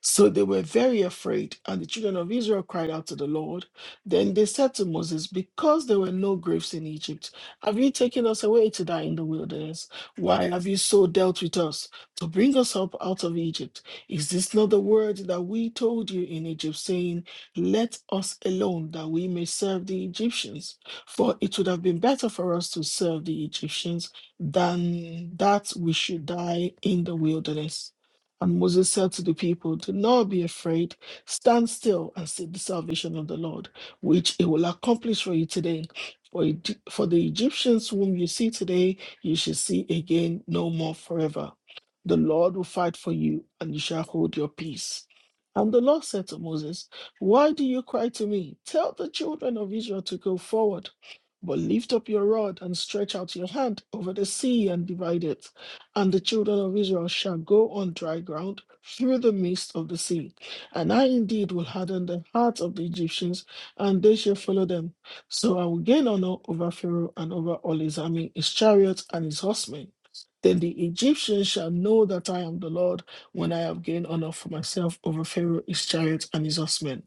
So they were very afraid, and the children of Israel cried out to the Lord. Then they said to Moses, Because there were no graves in Egypt, have you taken us away to die in the wilderness? Why have you so dealt with us to bring us up out of Egypt? Is this not the word that we told you in Egypt, saying, Let us alone, that we may serve the Egyptians? For it would have been better for us to serve the Egyptians than that we should die in the wilderness. And Moses said to the people, Do not be afraid. Stand still and see the salvation of the Lord, which He will accomplish for you today. For, Egy- for the Egyptians whom you see today, you shall see again no more forever. The Lord will fight for you, and you shall hold your peace. And the Lord said to Moses, Why do you cry to me? Tell the children of Israel to go forward. But lift up your rod and stretch out your hand over the sea and divide it and the children of Israel shall go on dry ground through the midst of the sea. And I indeed will harden the hearts of the Egyptians, and they shall follow them. So I will gain honor over Pharaoh and over all his army, his chariots, and his horsemen. Then the Egyptians shall know that I am the Lord when I have gained honor for myself over Pharaoh, his chariots, and his horsemen.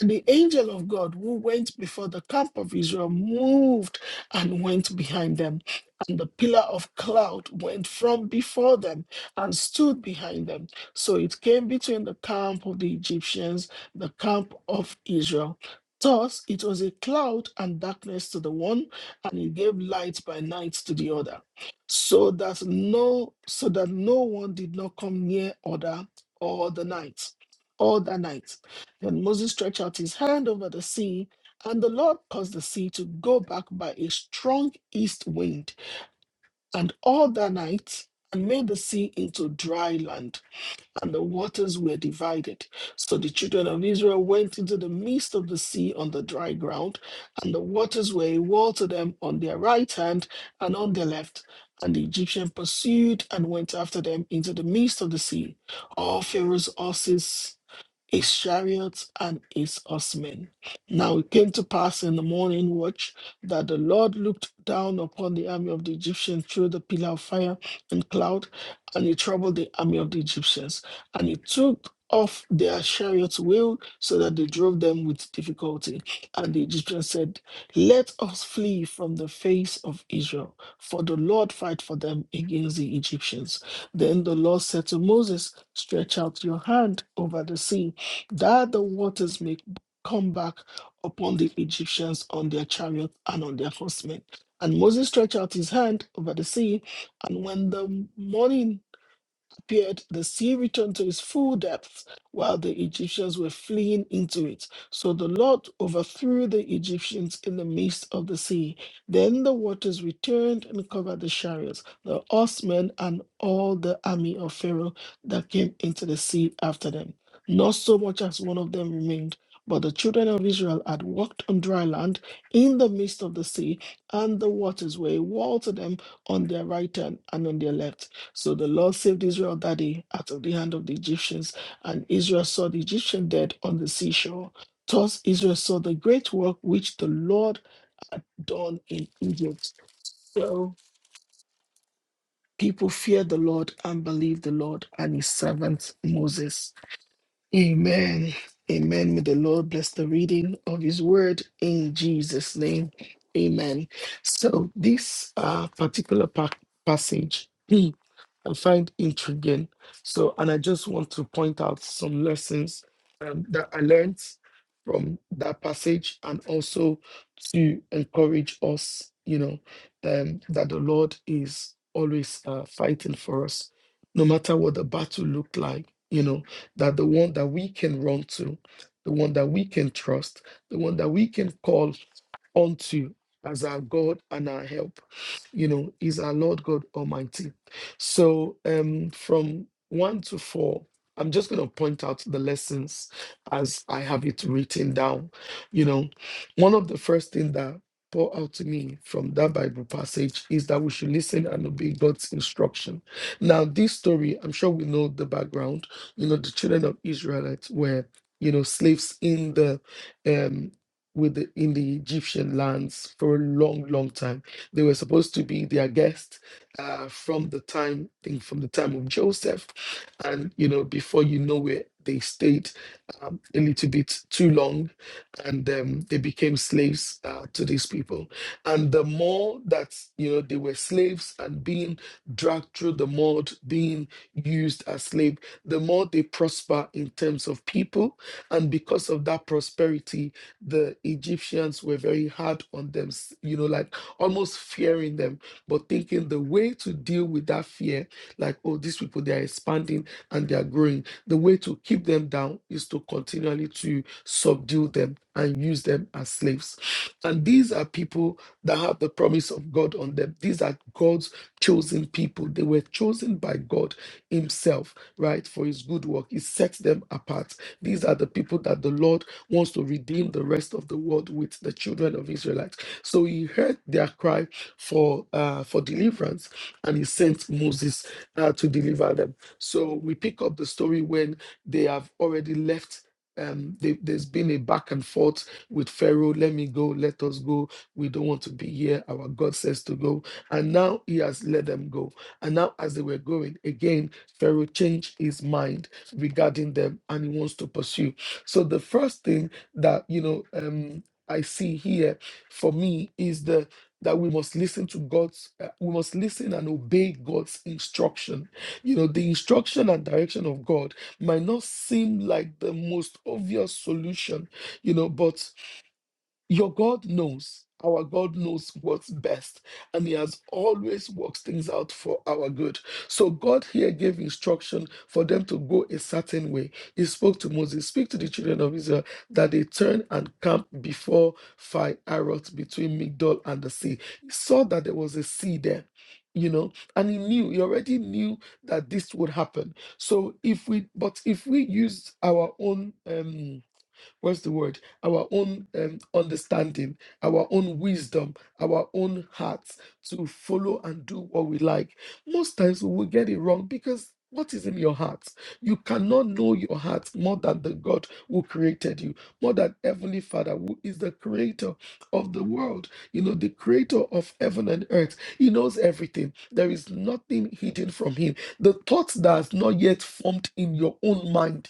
And the angel of God who went before the camp of Israel moved and went behind them. And the pillar of cloud went from before them and stood behind them. So it came between the camp of the Egyptians, the camp of Israel. Thus it was a cloud and darkness to the one, and it gave light by night to the other, so that no so that no one did not come near other all the night, all the night. Then Moses stretched out his hand over the sea, and the Lord caused the sea to go back by a strong east wind, and all that night, and made the sea into dry land, and the waters were divided. So the children of Israel went into the midst of the sea on the dry ground, and the waters were a wall to them on their right hand and on their left. And the Egyptian pursued and went after them into the midst of the sea. All Pharaoh's horses his chariots and his horsemen. Now it came to pass in the morning watch that the Lord looked down upon the army of the Egyptians through the pillar of fire and cloud, and he troubled the army of the Egyptians, and he took off their chariots' wheel so that they drove them with difficulty. And the Egyptians said, Let us flee from the face of Israel, for the Lord fight for them against the Egyptians. Then the Lord said to Moses, Stretch out your hand over the sea, Thou the waters may come back upon the Egyptians on their chariots and on their horsemen. And Moses stretched out his hand over the sea, and when the morning appeared, the sea returned to its full depth while the Egyptians were fleeing into it. So the Lord overthrew the Egyptians in the midst of the sea. Then the waters returned and covered the chariots, the horsemen, and all the army of Pharaoh that came into the sea after them. Not so much as one of them remained. But the children of Israel had walked on dry land in the midst of the sea, and the waters were a wall to them on their right hand and on their left. So the Lord saved Israel that day out of the hand of the Egyptians, and Israel saw the Egyptian dead on the seashore. Thus Israel saw the great work which the Lord had done in Egypt. So people feared the Lord and believed the Lord and his servant Moses. Amen. Amen. May the Lord bless the reading of his word in Jesus' name. Amen. So this uh, particular pa- passage hmm, I find intriguing. So, and I just want to point out some lessons um, that I learned from that passage and also to encourage us, you know, um, that the Lord is always uh, fighting for us, no matter what the battle looked like, you know, that the one that we can run to, the one that we can trust, the one that we can call unto you as our God and our help. You know, is our Lord God Almighty. So um from one to four, I'm just gonna point out the lessons as I have it written down. You know, one of the first things that pour out to me from that Bible passage is that we should listen and obey God's instruction. Now, this story, I'm sure we know the background. You know, the children of Israelites were, you know, slaves in the um with the, in the Egyptian lands for a long, long time. They were supposed to be their guest uh, from the time, I think, from the time of Joseph, and you know, before you know it, they stayed um, a little bit too long, and um, they became slaves uh, to these people. And the more that you know they were slaves and being dragged through the mud, being used as slave, the more they prosper in terms of people, and because of that prosperity the Egyptians were very hard on them, you know, like almost fearing them, but thinking the way to deal with that fear, like, oh, these people, they are expanding and they are growing. The way to keep them down is to continually to subdue them and use them as slaves. And these are people that have the promise of God on them. These are God's chosen people. They were chosen by God Himself, right, for His good work. He sets them apart. These are the people that the Lord wants to redeem the rest of the world with the children of Israelites. So he heard their cry for uh, for deliverance, and he sent Moses uh, to deliver them. So we pick up the story when they have already left. Um, they, there's been a back and forth with Pharaoh. Let me go. Let us go. We don't want to be here. Our God says to go, and now He has let them go. And now, as they were going again, Pharaoh changed his mind regarding them, and he wants to pursue. So the first thing that you know um, I see here for me is the that we must listen to God's, uh, we must listen and obey God's instruction. You know, the instruction and direction of God might not seem like the most obvious solution, you know, but your God knows, our God knows what's best, and He has always works things out for our good. So, God here gave instruction for them to go a certain way. He spoke to Moses, Speak to the children of Israel that they turn and camp before Phi-Arot between Migdol and the sea. He saw that there was a sea there. You know, and he knew, he already knew that this would happen. So if we, but if we use our own um what's the word? Our own um, understanding, our own wisdom, our own hearts to follow and do what we like. Most times we will get it wrong because what is in your heart? You cannot know your heart more than the God who created you, more than Heavenly Father, who is the creator of the world, you know, the creator of heaven and earth. He knows everything. There is nothing hidden from him. The thoughts that has not yet formed in your own mind,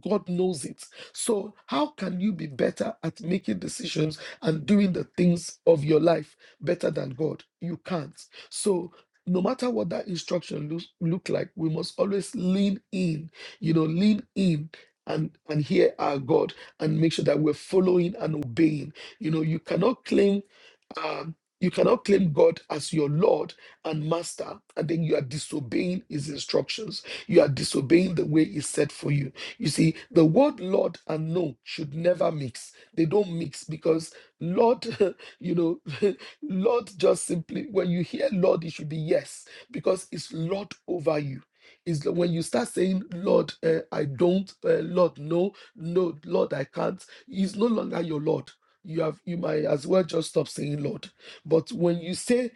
God knows it. So, how can you be better at making decisions and doing the things of your life better than God? You can't. So, no matter what that instruction looks look like, we must always lean in, you know, lean in and and hear our God and make sure that we're following and obeying. You know, you cannot claim um, you cannot claim God as your Lord and Master, and then you are disobeying His instructions. You are disobeying the way He set for you. You see, the word Lord and no should never mix. They don't mix because Lord, [laughs] you know, [laughs] Lord just simply, when you hear Lord, it should be yes, because it's Lord over you. Is that when you start saying, Lord, uh, I don't, uh, Lord, no, no, Lord, I can't, He's no longer your Lord you have you might as well just stop saying Lord. But when you say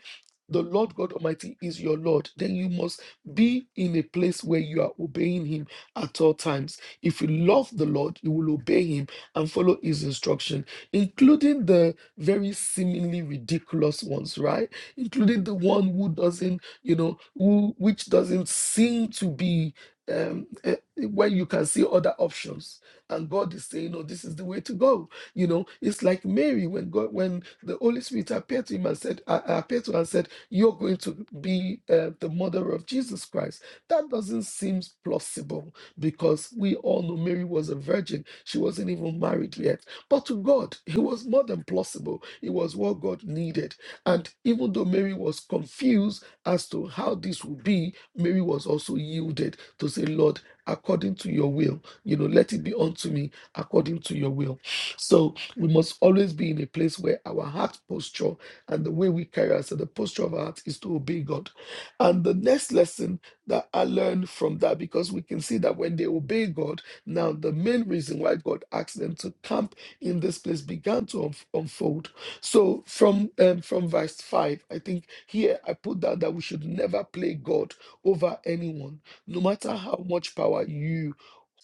the Lord God Almighty is your Lord, then you must be in a place where you are obeying Him at all times. If you love the Lord, you will obey Him and follow His instruction, including the very seemingly ridiculous ones, right? Including the one who doesn't, you know, who which doesn't seem to be. Um, eh, when you can see other options, and God is saying, "Oh, this is the way to go." You know, it's like Mary when God, when the Holy Spirit appeared to him and said, uh, appeared to her and said, you're going to be uh, the mother of Jesus Christ. That doesn't seem plausible because we all know Mary was a virgin. She wasn't even married yet. But to God, it was more than plausible. It was what God needed. And even though Mary was confused as to how this would be, Mary was also yielded to say, Lord, according to your will, you know, let it be unto me according to your will. So we must always be in a place where our heart posture and the way we carry ourselves, the posture of our heart is to obey God. And the next lesson that I learned from that, because we can see that when they obey God, now the main reason why God asked them to camp in this place began to unf- unfold. So from um, from verse five, I think here I put down that we should never play God over anyone, no matter how much power you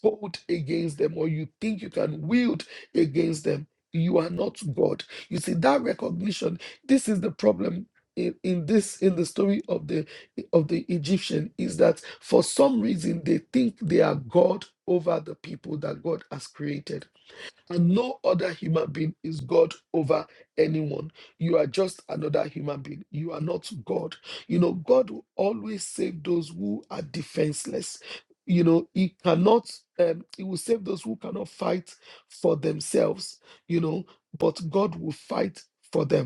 hold against them or you think you can wield against them, you are not God. You see that recognition. This is the problem in, in this in the story of the of the Egyptian is that for some reason they think they are God over the people that God has created and no other human being is God over anyone. You are just another human being. You are not God. You know, God will always save those who are defenseless. You know, He cannot, um, He will save those who cannot fight for themselves, you know, but God will fight for them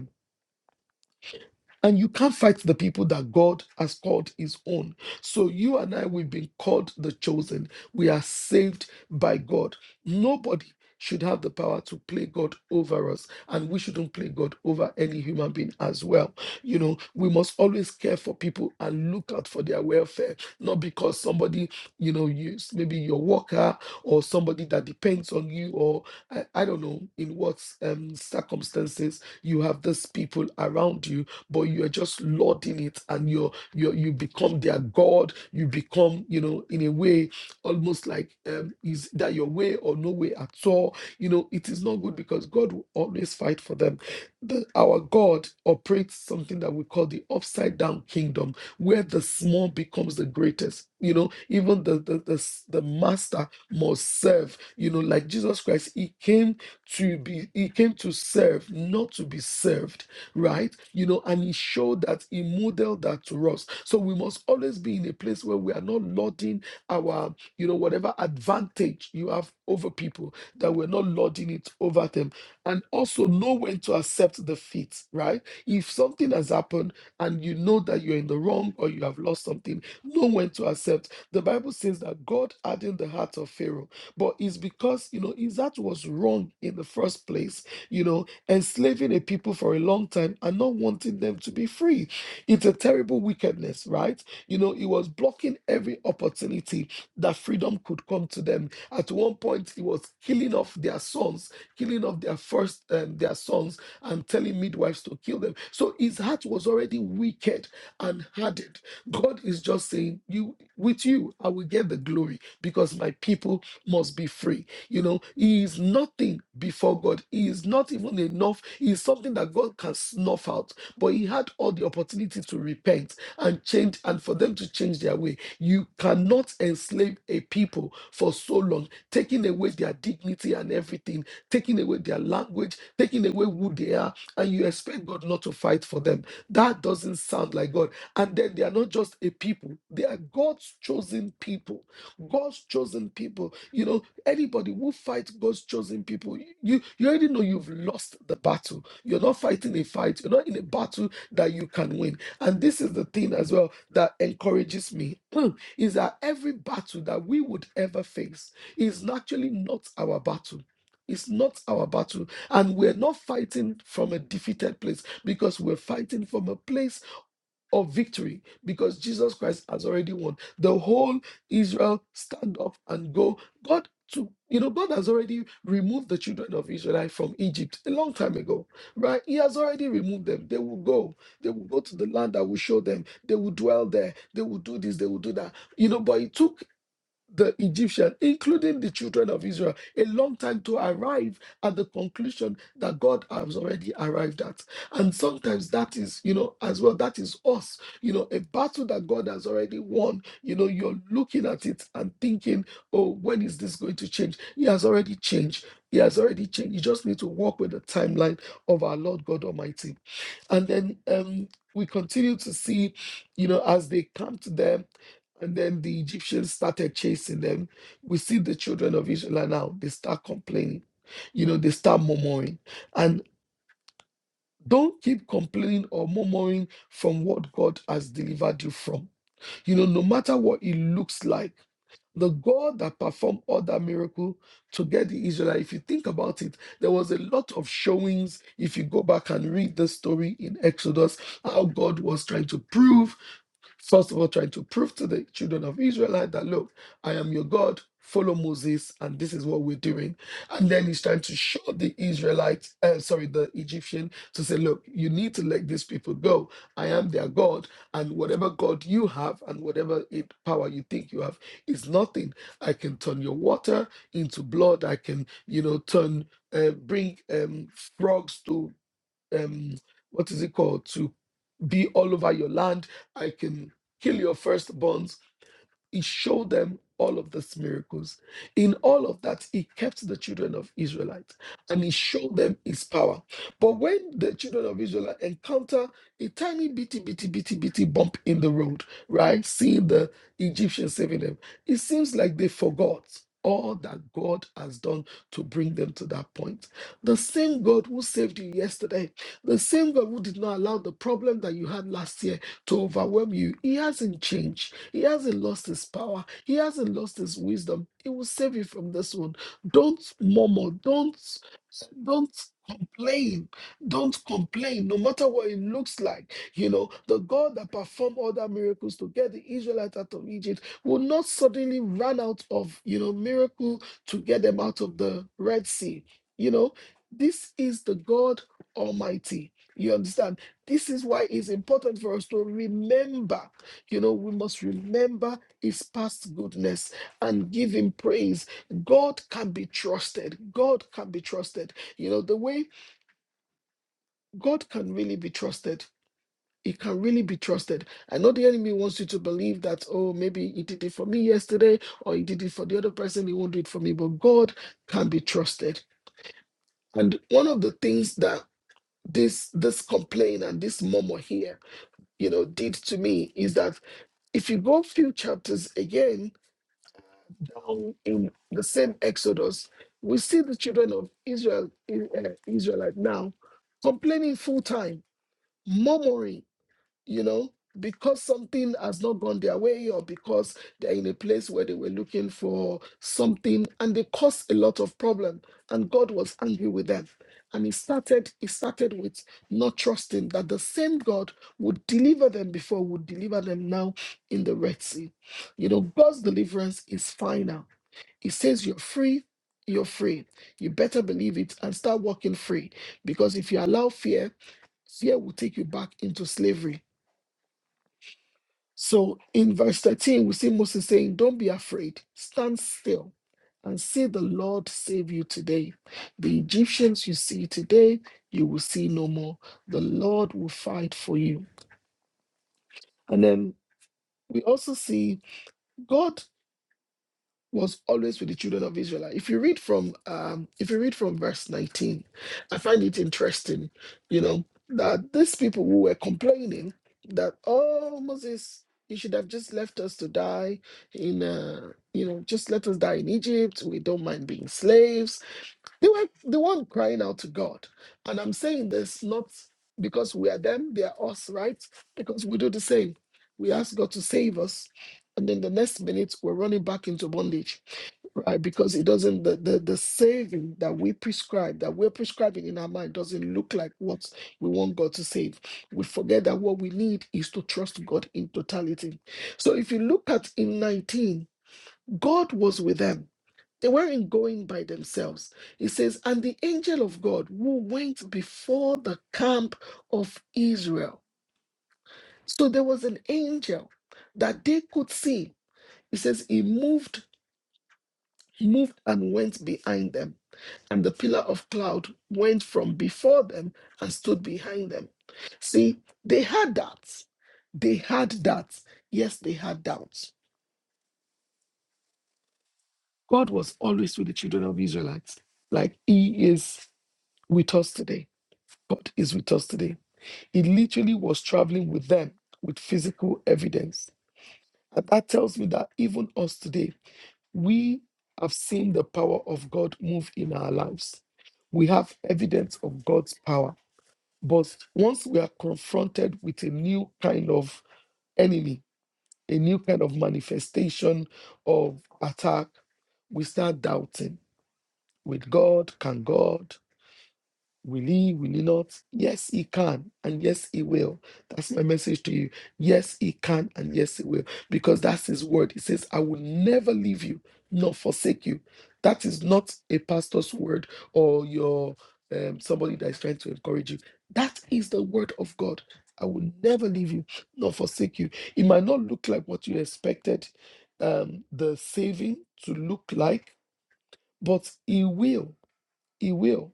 and you can't fight the people that God has called his own. So you and I, we've been called the chosen. We are saved by God. Nobody should have the power to play God over us. And we shouldn't play God over any human being as well. You know, we must always care for people and look out for their welfare, not because somebody, you know, you maybe your worker or somebody that depends on you, or I, I don't know in what um, circumstances you have these people around you but you're just lording it and you're, you're you become their god you become you know in a way almost like um, is that your way or no way at all you know it is not good because god will always fight for them the, our god operates something that we call the upside down kingdom where the small becomes the greatest you know even the the, the, s- the master must serve you know like jesus christ he came to be he came to serve not to be served right? You know, and he showed that he modeled that to us. So we must always be in a place where we are not lauding our, you know, whatever advantage you have over people, that we're not lauding it over them. And also know when to accept defeat, right? If something has happened and you know that you're in the wrong or you have lost something, know when to accept. The Bible says that God hardened the heart of Pharaoh, but it's because, you know, his heart was wrong in the first place, you know, enslaving a people for a long time and not wanting them to be free. It's a terrible wickedness, right? You know, it was blocking every opportunity that freedom could come to them. At one point, it was killing off their sons, killing off their first um, their sons, and telling midwives to kill them. So his heart was already wicked and hardened. God is just saying, "You with you, I will get the glory because my people must be free." You know, he is nothing before God. He is not even enough. He is something that God can snuff out. But he had all the opportunity to repent and change and for them to change their way. You cannot enslave a people for so long, taking away their dignity and everything, taking away their language, taking away who they are, and you expect God not to fight for them. That doesn't sound like God. And then they are not just a people, they are God's chosen people. God's chosen people. You know, Anybody who fights God's chosen people, you you already know you've lost the battle. You're not fighting a fight. You're not in a battle that you can win. And this is the thing as well that encourages me [clears throat] is that every battle that we would ever face is naturally not our battle. It's not our battle, and we're not fighting from a defeated place because we're fighting from a place of victory because Jesus Christ has already won. The whole Israel stand up and go. God to you know, God has already removed the children of Israel from Egypt a long time ago, right? He has already removed them. They will go. They will go to the land I will show them. They will dwell there. They will do this. They will do that. You know, but it took the Egyptian, including the children of Israel, a long time to arrive at the conclusion that God has already arrived at. And sometimes that is, you know, as well, that is us, you know, a battle that God has already won. You know, you're looking at it and thinking, oh, when is this going to change? He has already changed. He has already changed. You just need to walk with the timeline of our Lord God Almighty. And then um, we continue to see, you know, as they come to them and then the Egyptians started chasing them. We see the children of Israel now. They start complaining. You know, they start murmuring. And don't keep complaining or murmuring from what God has delivered you from. You know, no matter what it looks like, the God that performed all that miracle to get the Israelite, if you think about it, there was a lot of showings. If you go back and read the story in Exodus, how God was trying to prove First of all, trying to prove to the children of Israelite that look, I am your God, follow Moses, and this is what we're doing. And then he's trying to show the Israelites, uh, sorry, the Egyptian, to say, look, you need to let these people go. I am their God, and whatever God you have and whatever it, power you think you have is nothing. I can turn your water into blood. I can, you know, turn, uh, bring um, frogs to um what is it called to be all over your land i can kill your firstborns he showed them all of these miracles. In all of that, he kept the children of Israelites and he showed them his power. But when the children of Israel encounter a tiny bitty, bitty, bitty, bitty bump in the road, right? Seeing the Egyptians saving them, it seems like they forgot all that God has done to bring them to that point. The same God who saved you yesterday, the same God who did not allow the problem that you had last year to overwhelm you, He hasn't changed. He hasn't lost his power. He hasn't lost his wisdom. He will save you from this one. Don't murmur. Don't don't complain. Don't complain, no matter what it looks like. You know, the God that performed all the miracles to get the Israelites out of Egypt will not suddenly run out of, you know, miracle to get them out of the Red Sea. You know, this is the God Almighty. You understand? This is why it's important for us to remember you know, we must remember his past goodness and give him praise. God can be trusted. God can be trusted. You know, the way God can really be trusted. He can really be trusted. I know the enemy wants you to believe that, oh, maybe he did it for me yesterday or he did it for the other person. He won't do it for me. But God can be trusted. And one of the things that this this complaint and this murmur here, you know, did to me is that if you go a few chapters again, down in the same Exodus, we see the children of Israel, I- uh, Israelite now, complaining full time, murmuring, you know, because something has not gone their way or because they're in a place where they were looking for something and they caused a lot of problem and God was angry with them. And he started, he started with not trusting that the same God would deliver them before, would deliver them now in the Red Sea. You know, God's deliverance is final it says you're free, you're free. You better believe it and start walking free. Because if you allow fear, fear will take you back into slavery. So in verse 13, we see Moses saying, Don't be afraid, stand still and see the Lord save you today. The Egyptians you see today, you will see no more. The Lord will fight for you. And then we also see God. was always with the children of Israel. If you read from um, if you read from verse 19, I find it interesting, you know, that these people who were complaining that oh Moses, you should have just left us to die in uh, you know, just let us die in Egypt. We don't mind being slaves. They were the one crying out to God. And I'm saying this not because we are them, they are us, right? Because we do the same. We ask God to save us, and then the next minute we're running back into bondage right? Because it doesn't the, the the saving that we prescribe, that we're prescribing in our mind, doesn't look like what we want God to save. We forget that what we need is to trust God in totality. So if you look at in 19, God was with them. They weren't going by themselves. It says, and the angel of God who went before the camp of Israel. So there was an angel that they could see. It says he moved, moved and went behind them and the pillar of cloud went from before them and stood behind them. See, they had that. They had that. Yes, they had doubts. God was always with the children of Israelites. Like He is with us today. God is with us today. He literally was traveling with them with physical evidence. And that tells me that even us today, we have seen the power of God move in our lives. We have evidence of God's power But once we are confronted with a new kind of enemy, a new kind of manifestation of attack, we start doubting with God, can God? Will he? Will he not? Yes, he can, and yes, he will. That's my message to you. Yes, he can, and yes, he will, because that's his word. He says, I will never leave you nor forsake you. That is not a pastor's word or your um, somebody that is trying to encourage you. That is the word of God. I will never leave you nor forsake you. It might not look like what you expected um, the saving to look like, but he will. He will.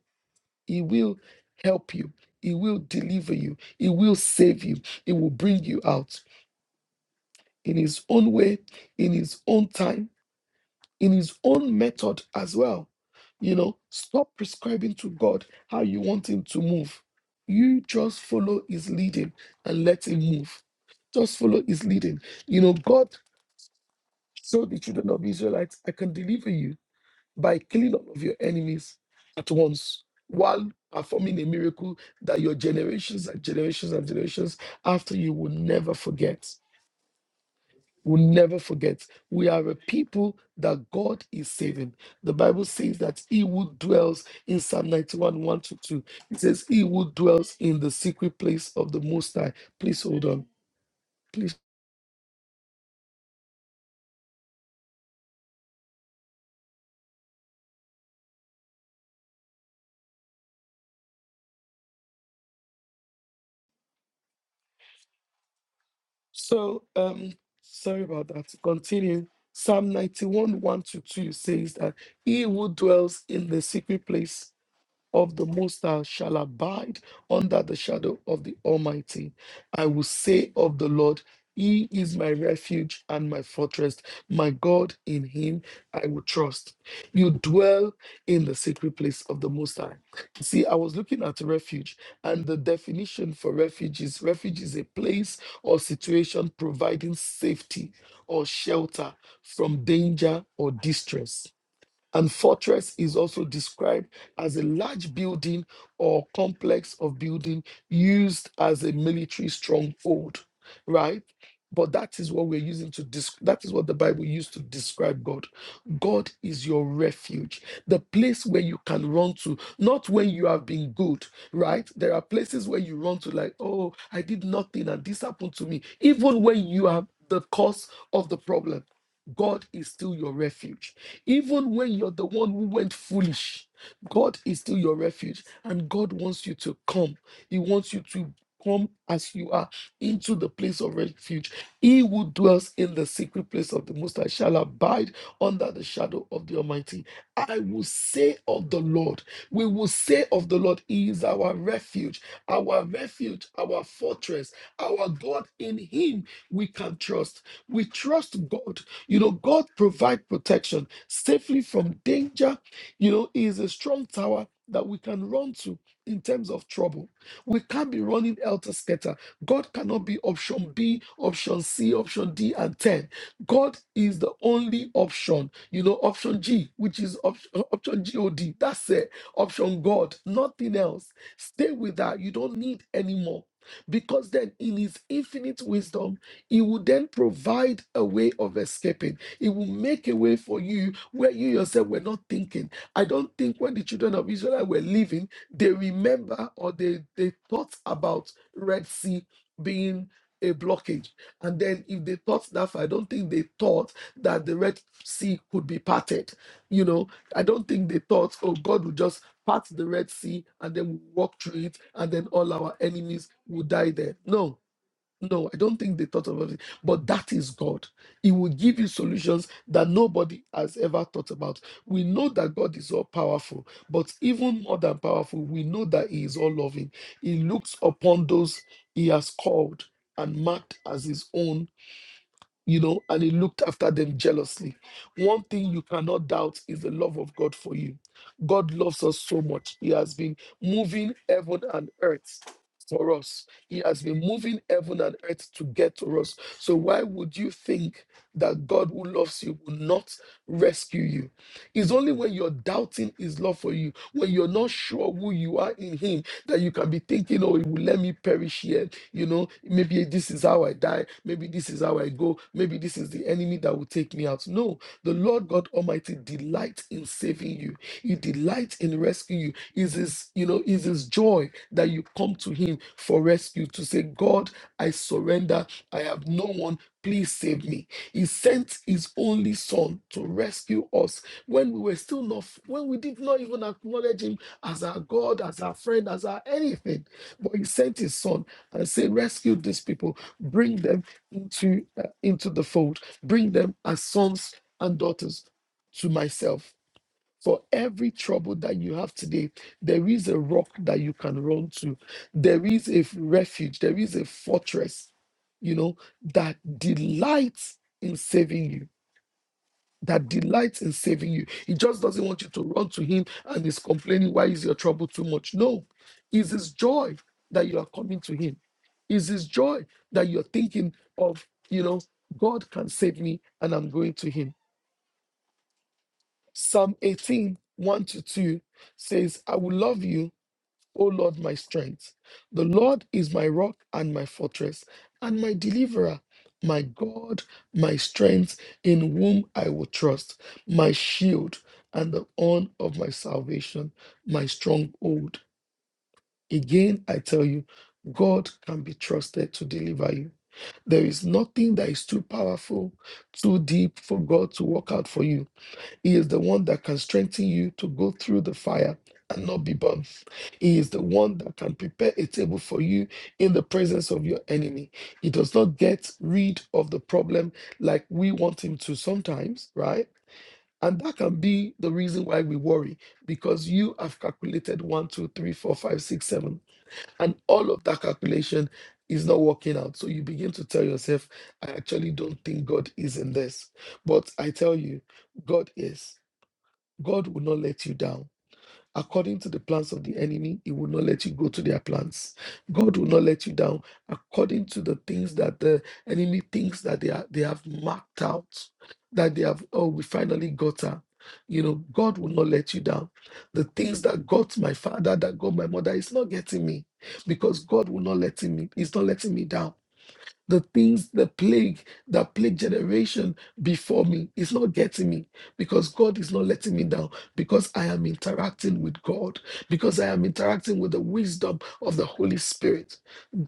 He will help you. He will deliver you. He will save you. He will bring you out in His own way, in His own time, in His own method as well. You know, stop prescribing to God how you want Him to move. You just follow His leading and let Him move. Just follow His leading. You know, God showed the children of Israelites, I can deliver you by killing all of your enemies at once while performing a miracle that your generations and generations and generations after you will never forget. Will never forget. We are a people that God is saving. The Bible says that He who dwells in Psalm 91 1 to 2. It says, He who dwells in the secret place of the Most High. Please hold on. Please. So, um, sorry about that. To Continue. Psalm 91, 1 to 2 says that he who dwells in the secret place of the Most High shall abide under the shadow of the Almighty. I will say of the Lord, He is my refuge and my fortress, my God, in Him I will trust. You dwell in the secret place of the Most High. See, I was looking at refuge, and the definition for refuge is refuge is a place or situation providing safety or shelter from danger or distress. And fortress is also described as a large building or complex of building used as a military stronghold, right? But that is what we're using to desc- that is what the Bible used to describe God. God is your refuge, the place where you can run to, not when you have been good, right? There are places where you run to, like, oh, I did nothing and this happened to me, even when you are the cause of the problem. God is still your refuge. Even when you're the one who went foolish, God is still your refuge. And God wants you to come. He wants you to come as you are into the place of refuge. He who dwells in the secret place of the Most High shall abide under the shadow of the Almighty. I will say of the Lord, we will say of the Lord, He is our refuge, our refuge, our fortress, our God. In Him we can trust. We trust God. You know, God provides protection safely from danger. You know, He is a strong tower that we can run to in terms of trouble. We can't be running elter skelter. God cannot be option B, option C, option D, and 10. God is the only option, you know, option G, which is option, option God. That's it. Option God, nothing else. Stay with that. You don't need any more. Because then, in his infinite wisdom, he would then provide a way of escaping he will make a way for you where you yourself were not thinking. I don't think when the children of Israel were living, they remember or they, they thought about Red Sea being a blockage. And then if they thought that far, I don't think they thought that the Red Sea could be parted. You know, I don't think they thought, oh, God will just part the Red Sea and then we walk through it and then all our enemies will die there. No, no, I don't think they thought about it. But that is God. He will give you solutions that nobody has ever thought about. We know that God is all powerful, but even more than powerful, we know that He is all loving. He looks upon those He has called and marked as His own you know, and he looked after them jealously. One thing you cannot doubt is the love of God for you. God loves us so much. He has been moving heaven and earth for us. He has been moving heaven and earth to get to us. So why would you think that God who loves you will not rescue you? It's only when you're doubting his love for you, when you're not sure who you are in him, that you can be thinking, oh, he will let me perish here you know, maybe this is how I die. Maybe this is how I go. Maybe this is the enemy that will take me out. No, the Lord God Almighty delights in saving you. He delights in rescuing you. Is his, you know, is his joy that you come to him for rescue to say, God, I surrender. I have no one. Please save me. He sent his only son to rescue us when we were still not, when we did not even acknowledge him as our God, as our friend, as our anything. But he sent his son I say, rescue these people, bring them into uh, into the fold, bring them as sons and daughters to myself. For every trouble that you have today, there is a rock that you can run to. There is a refuge. There is a fortress, you know, that delights in saving you that delights in saving you. He just doesn't want you to run to him and is complaining, why is your trouble too much? No, it's his joy that you are coming to him. It's his joy that you're thinking of, you know, God can save me and I'm going to him. Psalm eighteen one to 2 says, I will love you O Lord, my strength. The Lord is my rock and my fortress and my deliverer, my God, my strength, in whom I will trust, my shield and the horn of my salvation, my stronghold. Again, I tell you, God can be trusted to deliver you. There is nothing that is too powerful, too deep for God to work out for you. He is the one that can strengthen you to go through the fire and not be burned. He is the one that can prepare a table for you in the presence of your enemy. He does not get rid of the problem like we want him to sometimes, right? And that can be the reason why we worry because you have calculated one, two, three, four, five, six, seven, and all of that calculation is not working out. So you begin to tell yourself, I actually don't think God is in this. But I tell you, God is. God will not let you down. According to the plans of the enemy, he will not let you go to their plans. God will not let you down according to the things that the enemy thinks that they are they have marked out, that they have, oh, we finally got her. You know, God will not let you down. The things that got my father, that got my mother, is not getting me because God will not let me, he's not letting me down. The things, the plague that plague generation before me is not getting me because God is not letting me down because I am interacting with God, because I am interacting with the wisdom of the Holy Spirit.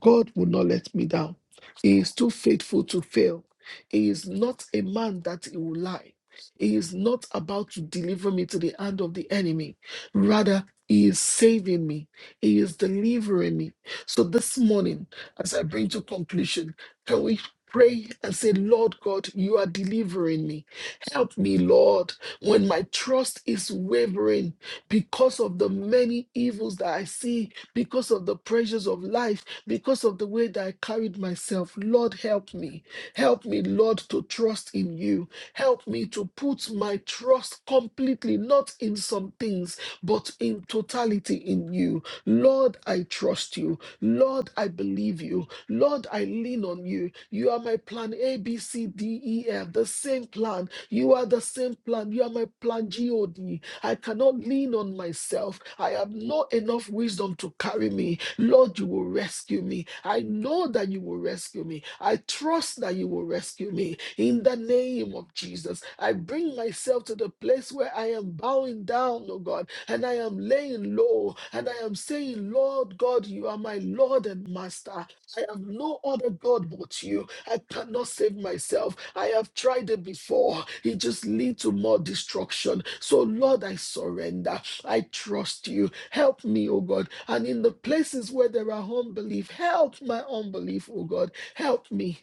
God will not let me down. He is too faithful to fail. He is not a man that he will lie. He is not about to deliver me to the hand of the enemy. Rather, he is saving me. He is delivering me. So this morning, as I bring to conclusion, can we pray and say, Lord God, you are delivering me. Help me, Lord, when my trust is wavering because of the many evils that I see, because of the pressures of life, because of the way that I carried myself. Lord, help me. Help me, Lord, to trust in you. Help me to put my trust completely, not in some things, but in totality in you. Lord, I trust you. Lord, I believe you. Lord, I lean on you. You are my plan A, B, C, D, E, F, the same plan. You are the same plan. You are my plan G, O, D. I cannot lean on myself. I have not enough wisdom to carry me. Lord, you will rescue me. I know that you will rescue me. I trust that you will rescue me. In the name of Jesus, I bring myself to the place where I am bowing down, oh God, and I am laying low, and I am saying, Lord God, you are my Lord and Master. I have no other God but you. I cannot save myself. I have tried it before. It just leads to more destruction. So, Lord, I surrender. I trust you. Help me, oh God. And in the places where there are unbelief, help my unbelief, oh God. Help me.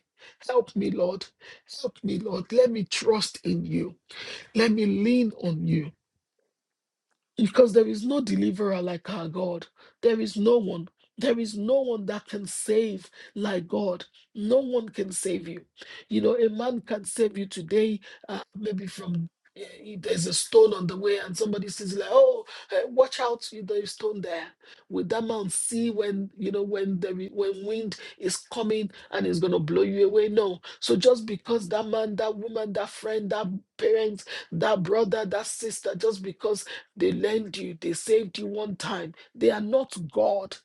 Help me, Lord. Help me, Lord. Let me trust in you. Let me lean on you because there is no deliverer like our God. There is no one. There is no one that can save like God. No one can save you. You know, a man can save you today, uh, maybe from eh, eh, there's a stone on the way, and somebody says like, "Oh, eh, watch out! you- There's stone there." Will that man see when you know when the when wind is coming and it's gonna blow you away? No. So just because that man, that woman, that friend, that parent, that brother, that sister, just because they lent you, they saved you one time. They are not God.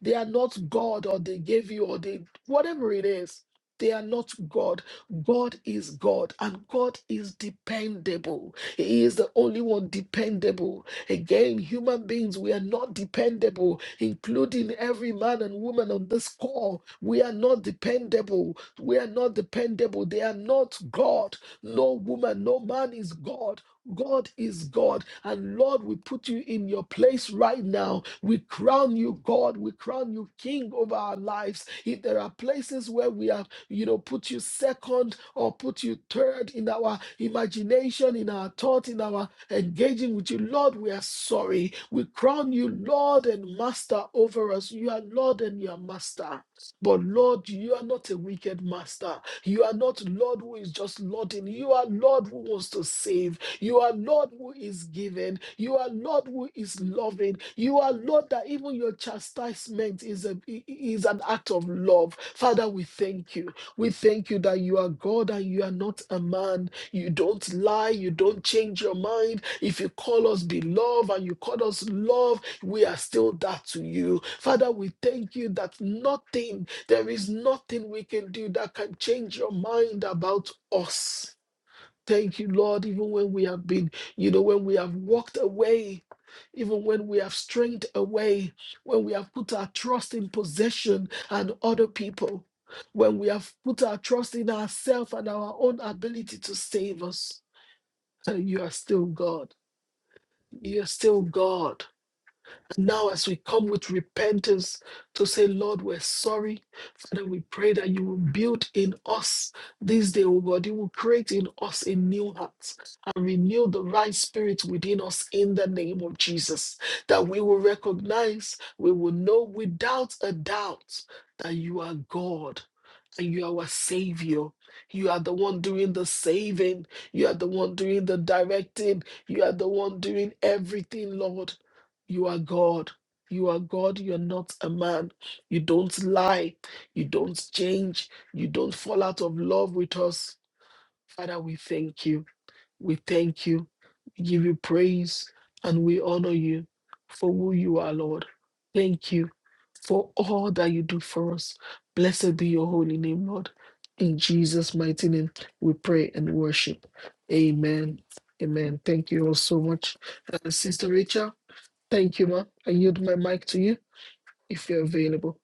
They are not God, or they gave you, or they, whatever it is, they are not God. God is God, and God is dependable. He is the only one dependable. Again, human beings, we are not dependable, including every man and woman on this call. We are not dependable. We are not dependable. They are not God. No woman, no man is God. God is God. And Lord, we put you in your place right now. We crown you God. We crown you King over our lives. If there are places where we have, you know, put you second or put you third in our imagination, in our thought, in our engaging with you, Lord, we are sorry. We crown you Lord and Master over us. You are Lord and you are Master. But Lord, you are not a wicked master. You are not Lord who is just lording. You are Lord who wants to save. You are Lord who is giving. You are Lord who is loving. You are Lord that even your chastisement is, a is an act of love. Father, we thank you. We thank you that you are God and you are not a man. You don't lie. You don't change your mind. If you call us beloved and you call us love, we are still that to you. Father, we thank you that nothing, there is nothing we can do that can change your mind about us. Thank you, Lord, even when we have been, you know, when we have walked away, even when we have strayed away, when we have put our trust in possession and other people, when we have put our trust in ourselves and our own ability to save us. uh, You are still God. You are still God. Now, as we come with repentance to say, Lord, we're sorry, Father, we pray that you will build in us this day, oh God. You will create in us a new heart and renew the right spirit within us in the name of Jesus. That we will recognize, we will know without a doubt that you are God and You are our Savior. You are the one doing the saving. You are the one doing the directing. You are the one doing everything, Lord. You are God. You are God. You're not a man. You don't lie. You don't change. You don't fall out of love with us. Father, we thank you. We thank you, we give you praise, and we honor you for who you are, Lord. Thank you for all that you do for us. Blessed be your holy name, Lord. In Jesus' mighty name, we pray and worship. Amen. Amen. Thank you all so much. Uh, Sister Rachel, thank you, ma. I yield my mic to you if you're available.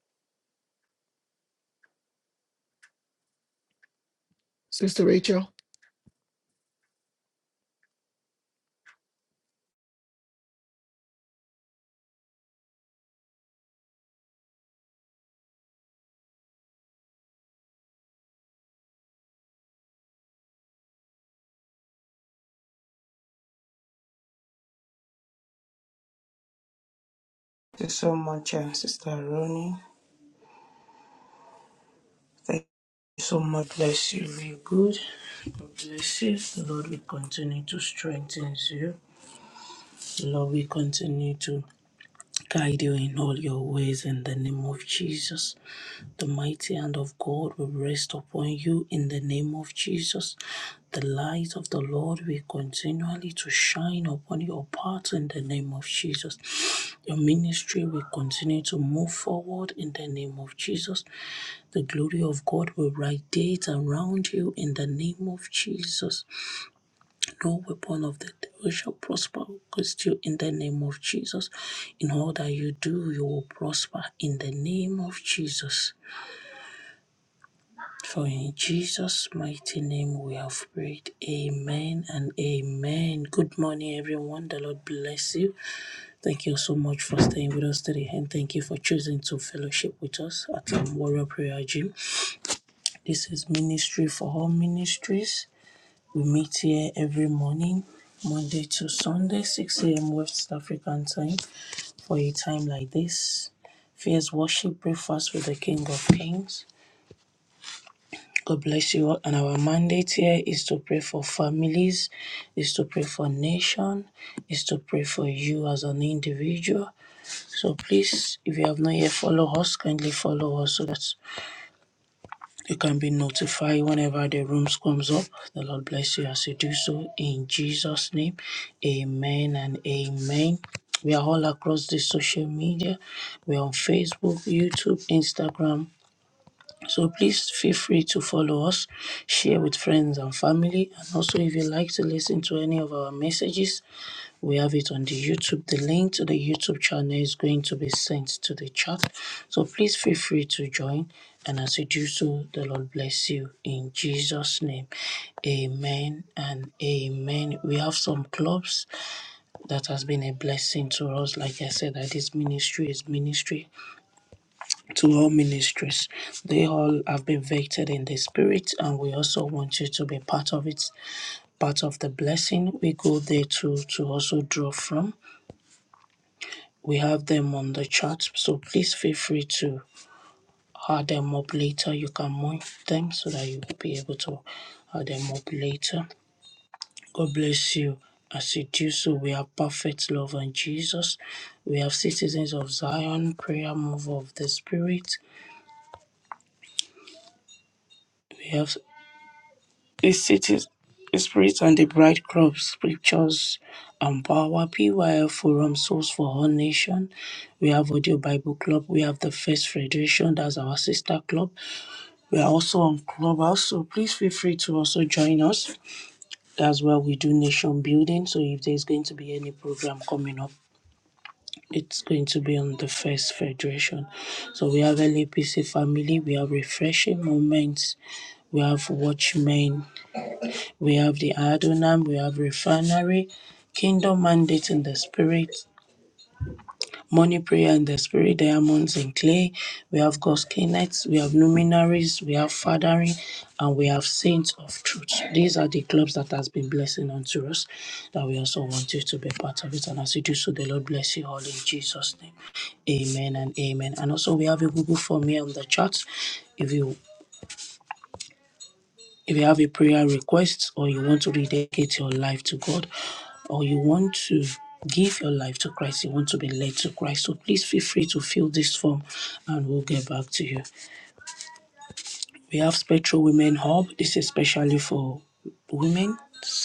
Sister Rachel.
so much, uh, Sister Ronnie. Thank you so much. Bless you. Be good. God bless you. The Lord will continue to strengthen you. The Lord will continue to Guide you in all your ways in the name of Jesus. The mighty hand of God will rest upon you in the name of Jesus. The light of the Lord will continually to shine upon your path in the name of Jesus. Your ministry will continue to move forward in the name of Jesus. The glory of God will radiate around you in the name of Jesus. No weapon of the devil shall prosper against you in the name of Jesus. In all that you do, you will prosper in the name of Jesus. For in Jesus' mighty name we have prayed. Amen and amen. Good morning, everyone. The Lord bless you. Thank you so much for staying with us today and thank you for choosing to fellowship with us at um, Warrior Prayer Gym. This is Ministry for All Ministries. We meet here every morning, Monday to Sunday, 6 a.m. West African time. For a time like this, fears worship, breakfast with the King of Kings. God bless you all. And our mandate here is to pray for families, is to pray for nation, is to pray for you as an individual. So please, if you have not yet followed us, kindly follow us so that You can be notified whenever the rooms comes up. The Lord bless you as you do so in Jesus' name. Amen and amen. We are all across the social media. We're on Facebook, YouTube, Instagram. So please feel free to follow us, share with friends and family, and also if you like to listen to any of our messages, we have it on the YouTube. The link to the YouTube channel is going to be sent to the chat. So please feel free to join. And as you do so, the Lord bless you in Jesus' name. Amen and amen. We have some clubs that has been a blessing to us. Like I said, that this ministry is ministry to all ministries. They all have been vetted in the spirit, and we also want you to be part of it, part of the blessing we go there to to also draw from. We have them on the chat, so please feel free to add them up later. You can mark them so that you will be able to add them up later. God bless you. As you do so, we have perfect love and Jesus. We have citizens of Zion, prayer move of the Spirit. We have. the city's spirit and the bright crops, scriptures, and power, PYL Forum, Source for All Nation. We have Audio Bible Club. We have the First Federation, that's our sister club. We are also on Clubhouse, so please feel free to also join us. That's where we do nation building. So if there's going to be any program coming up, it's going to be on the First Federation. So we have LAPC family, we have refreshing moments, we have watchmen, We have the Adonam, we have Refinery, Kingdom Mandate in the Spirit, Money Prayer in the Spirit, Diamonds in Clay. We have God's Kinets, we have Luminaries, we have Fathering, and we have Saints of Truth. These are the clubs that has been blessing unto us that we also want you to be part of it. And as you do so, the Lord bless you all in Jesus' name. Amen and amen. And also we have a Google form here on the chat. If you If you have a prayer request or you want to rededicate your life to God or you want to give your life to Christ, you want to be led to Christ, so please feel free to fill this form and we'll get back to you. We have Spectral Women Hub. This is especially for women,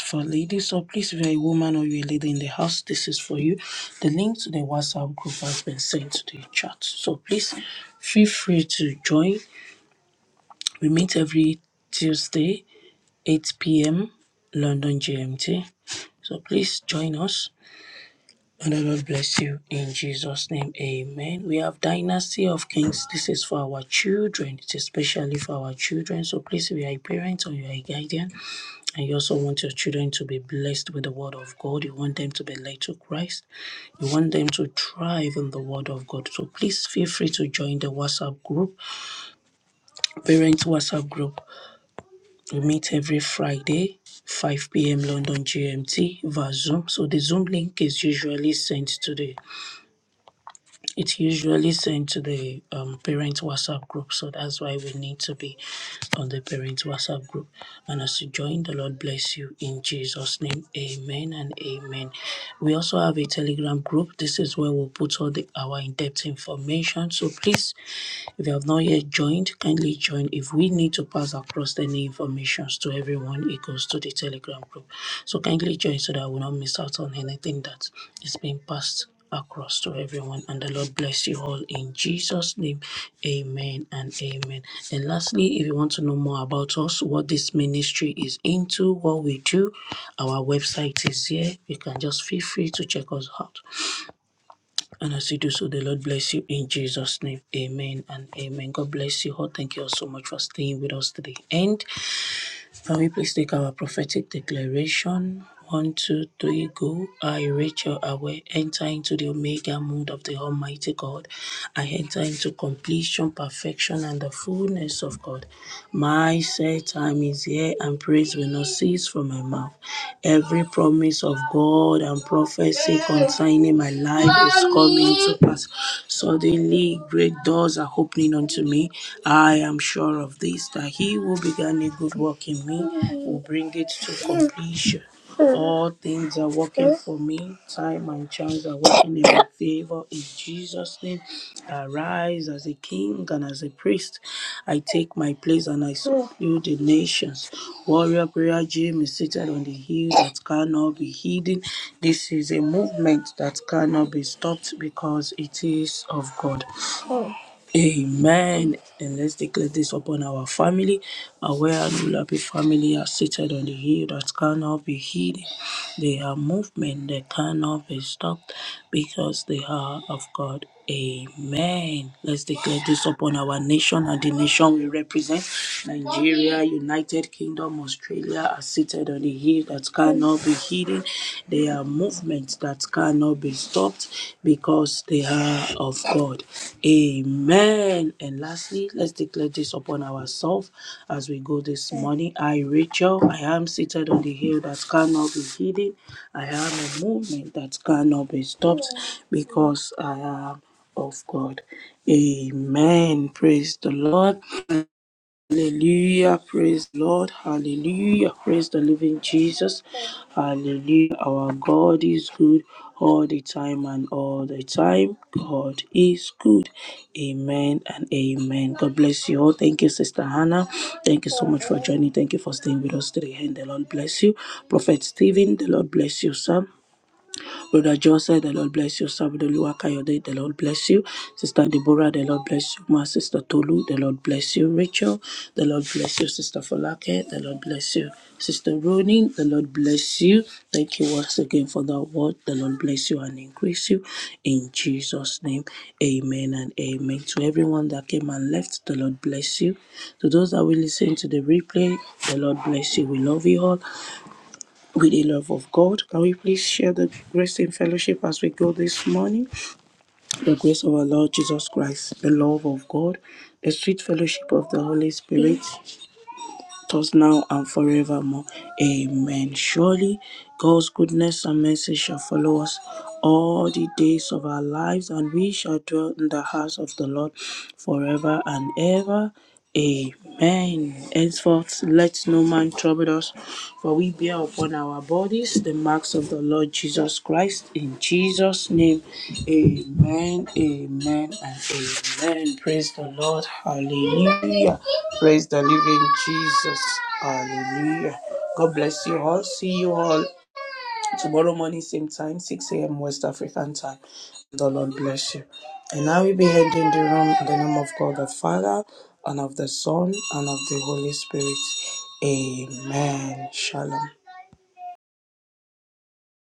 for ladies. So please, if you're a woman or you're a lady in the house, this is for you. The link to the WhatsApp group has been sent to the chat. So please feel free to join. We meet every Tuesday 8 p.m. London GMT. So please join us. And the Lord bless you in Jesus' name. Amen. We have Dynasty of Kings. This is for our children. It's especially for our children. So please, if you are a parent or you are a guardian, and you also want your children to be blessed with the word of God, you want them to be led to Christ, you want them to thrive in the word of God. So please feel free to join the WhatsApp group, parent WhatsApp group. We meet every Friday, 5 p.m. London GMT via Zoom. So the Zoom link is usually sent to the it's usually sent to the um, parent WhatsApp group. So that's why we need to be on the parent WhatsApp group. And as you join, the Lord bless you in Jesus' name. Amen and amen. We also have a Telegram group. This is where we'll put all the our in-depth information. So please if you have not yet joined, kindly join. If we need to pass across any information to everyone, it goes to the Telegram group. So kindly join so that we don't miss out on anything that is being passed across to everyone. And the Lord bless you all in Jesus' name. Amen and amen. And lastly, if you want to know more about us, what this ministry is into, what we do, our website is here. You can just feel free to check us out. And as you do so, the Lord bless you in Jesus' name. Amen and amen. God bless you all. Thank you all so much for staying with us today. And. Can we please take our prophetic declaration? One, two, three, go. I, Rachel Awe, enter into the Omega mood of the Almighty God. I enter into completion, perfection, and the fullness of God. My set time is here, and praise will not cease from my mouth. Every promise of God and prophecy concerning my life is coming to pass. Suddenly, great doors are opening unto me. I am am sure of this, that he who began a good work in me will bring it to completion. All things are working for me. Time and chance are working in my favor. In Jesus' name, arise as a king and as a priest. I take my place and I subdue the nations. Warrior Prayer Gym is seated on the hill that cannot be hidden. This is a movement that cannot be stopped because it is of God. Amen. And let's declare this upon our family. Aware and happy family are seated on the hill that cannot be hid. They are movement that cannot be stopped because they are of God. Amen. Let's declare this upon our nation and the nation we represent. Nigeria, United Kingdom, Australia are seated on the hill that cannot be hidden. They are movements that cannot be stopped because they they are of God. Amen. And lastly, let's declare this upon ourselves as we go this morning. I, Rachel, I am seated on the hill that cannot be hidden. I am a movement that cannot be stopped because I am of God. Amen. Praise the Lord. Hallelujah, praise the Lord, hallelujah, praise the living Jesus, hallelujah. Our God is good all the time and all the time. God is good, amen and amen. God bless you all. Thank you, Sister Hannah. Thank you so much for joining. Thank you for staying with us today, and the Lord bless you. Prophet Stephen, the Lord bless you, sir. Brother Joseph, the Lord bless you. Samuel Luakayode, the Lord bless you. Sister Deborah, the Lord bless you. My Sister Tolu, the Lord bless you. Rachel, the Lord bless you. Sister Folake, the Lord bless you. Sister Ronin, the Lord bless you. Thank you once again for that word. The Lord bless you and increase you. In Jesus' name, amen and amen. To everyone that came and left, the Lord bless you. To those that will listen to the replay, the Lord bless you. We love you all with the love of God. Can we please share the grace in fellowship as we go this morning? The grace of our Lord Jesus Christ, the love of God, the sweet fellowship of the Holy Spirit, us now and forevermore. Amen. Surely God's goodness and mercy shall follow us all the days of our lives, and we shall dwell in the house of the Lord forever and ever. Amen. Henceforth, let no man trouble us, for we bear upon our bodies the marks of the Lord Jesus Christ. In Jesus' name, amen, amen, and amen. Praise the Lord. Hallelujah. Praise the living Jesus. Hallelujah. God bless you all. See you all Tomorrow morning, same time, 6 a.m. West African time. The Lord bless you. And I will be ending the room in the name of God the Father, and of the Son, and of the Holy Spirit. Amen. Shalom.